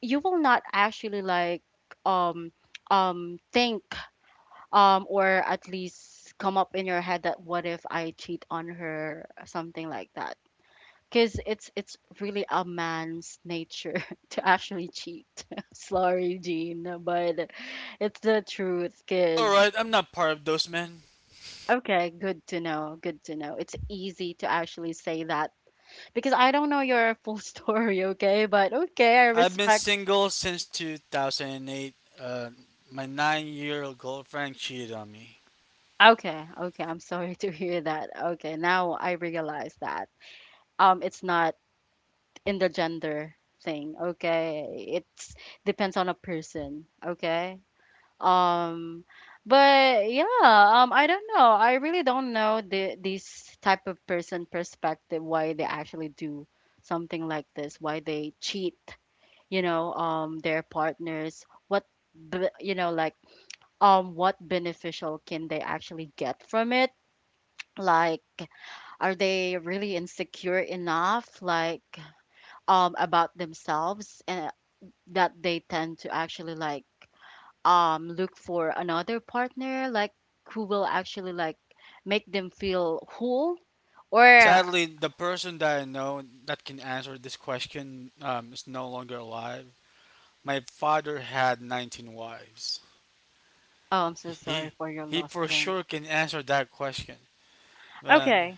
[SPEAKER 1] you will not actually like um think or at least come up in your head that what if I cheat on her, something like that. Because it's really a man's nature to actually cheat. Sorry, Jean, but it's the truth
[SPEAKER 2] It's all
[SPEAKER 1] because
[SPEAKER 2] right. I'm not part of those men.
[SPEAKER 1] okay, good to know, good to know. It's easy to actually say that because I don't know your full story. Okay, but okay, I
[SPEAKER 2] I've been
[SPEAKER 1] respect.
[SPEAKER 2] single since 2008. Uh, my 9-year-old girlfriend cheated on me.
[SPEAKER 1] Okay, okay. I'm sorry to hear that. Okay, now I realize that. It's not in the gender thing, okay? It's depends on a person, okay? Um, but yeah, I don't know. I really don't know the this type of person perspective why they actually do something like this, why they cheat, you know, their partners. What, you know, like, what beneficial can they actually get from it? Like are they really insecure enough, like about themselves, and that they tend to actually like look for another partner, like who will actually like make them feel whole? Or
[SPEAKER 2] Sadly, the person that I know that can answer this question is no longer alive. My father had 19 wives.
[SPEAKER 1] oh, I'm so sorry
[SPEAKER 2] He
[SPEAKER 1] for your
[SPEAKER 2] he
[SPEAKER 1] loss
[SPEAKER 2] for
[SPEAKER 1] then.
[SPEAKER 2] sure can answer that question, man,
[SPEAKER 1] Okay.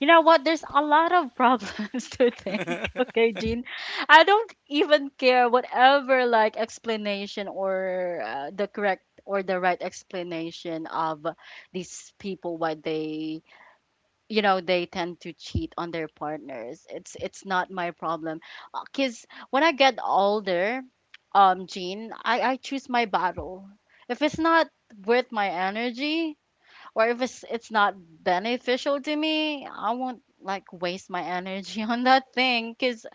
[SPEAKER 1] You know what? There's a lot of problems to think. Okay, Jean. I don't even care whatever like explanation or the correct or the right explanation of these people why they, you know, they tend to cheat on their partners. It's not my problem. Cause when I get older, Jean, I choose my battle. If it's not worth my energy, or if it's not beneficial to me, I won't like waste my energy on that thing. Because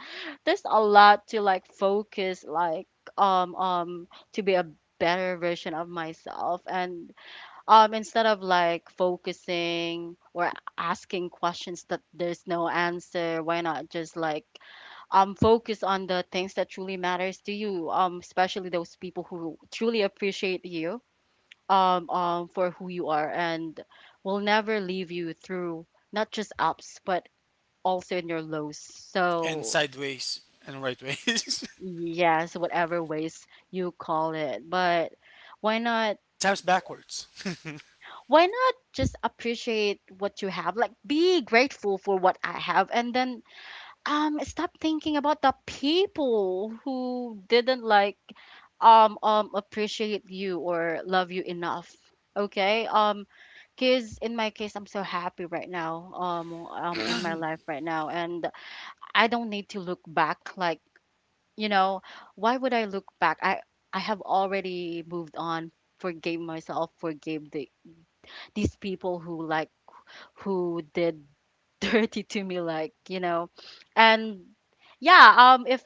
[SPEAKER 1] there's a lot to like focus, like um um to be a better version of myself. And instead of like focusing or asking questions that there's no answer, why not just like focus on the things that truly matters to you, um, especially those people who truly appreciate you, for who you are and will never leave you through not just ups, but also in your lows.
[SPEAKER 2] and
[SPEAKER 1] So,
[SPEAKER 2] sideways and right ways,
[SPEAKER 1] yes, whatever ways you call it. But why not?
[SPEAKER 2] sometimes backwards.
[SPEAKER 1] Why not just appreciate what you have? Like, be grateful for what I have. And then um, stop thinking about the people who didn't like appreciate you or love you enough. Okay? Um, cuz in my case I'm so happy right now, um, um, in my life right now. And I don't need to look back, like, you know, why would I look back? I have already moved on, forgave myself, forgave the these people who like who did dirty to me, like, you know. And yeah, um,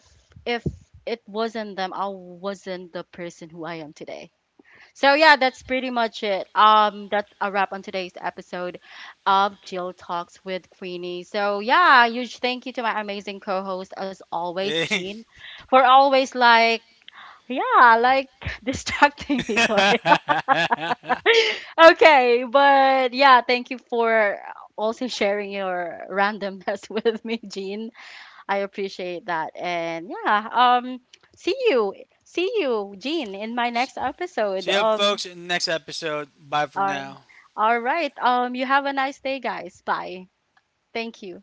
[SPEAKER 1] if it wasn't them, I wasn't the person who I am today. So yeah, that's pretty much it. Um, that's a wrap on today's episode of Jill Talks with Queenie. So yeah, huge thank you to my amazing co-host as always,
[SPEAKER 2] Eh,
[SPEAKER 1] Jean, for always like yeah like distracting me. Sorry okay, but yeah thank you for also sharing your randomness with me, Jean. I appreciate that. And yeah, um, see you, see you, Jean, in my next episode.
[SPEAKER 2] yep, folks. Next episode. Bye for
[SPEAKER 1] All,
[SPEAKER 2] now.
[SPEAKER 1] all right. Um, you have a nice day, guys. Bye. Thank you.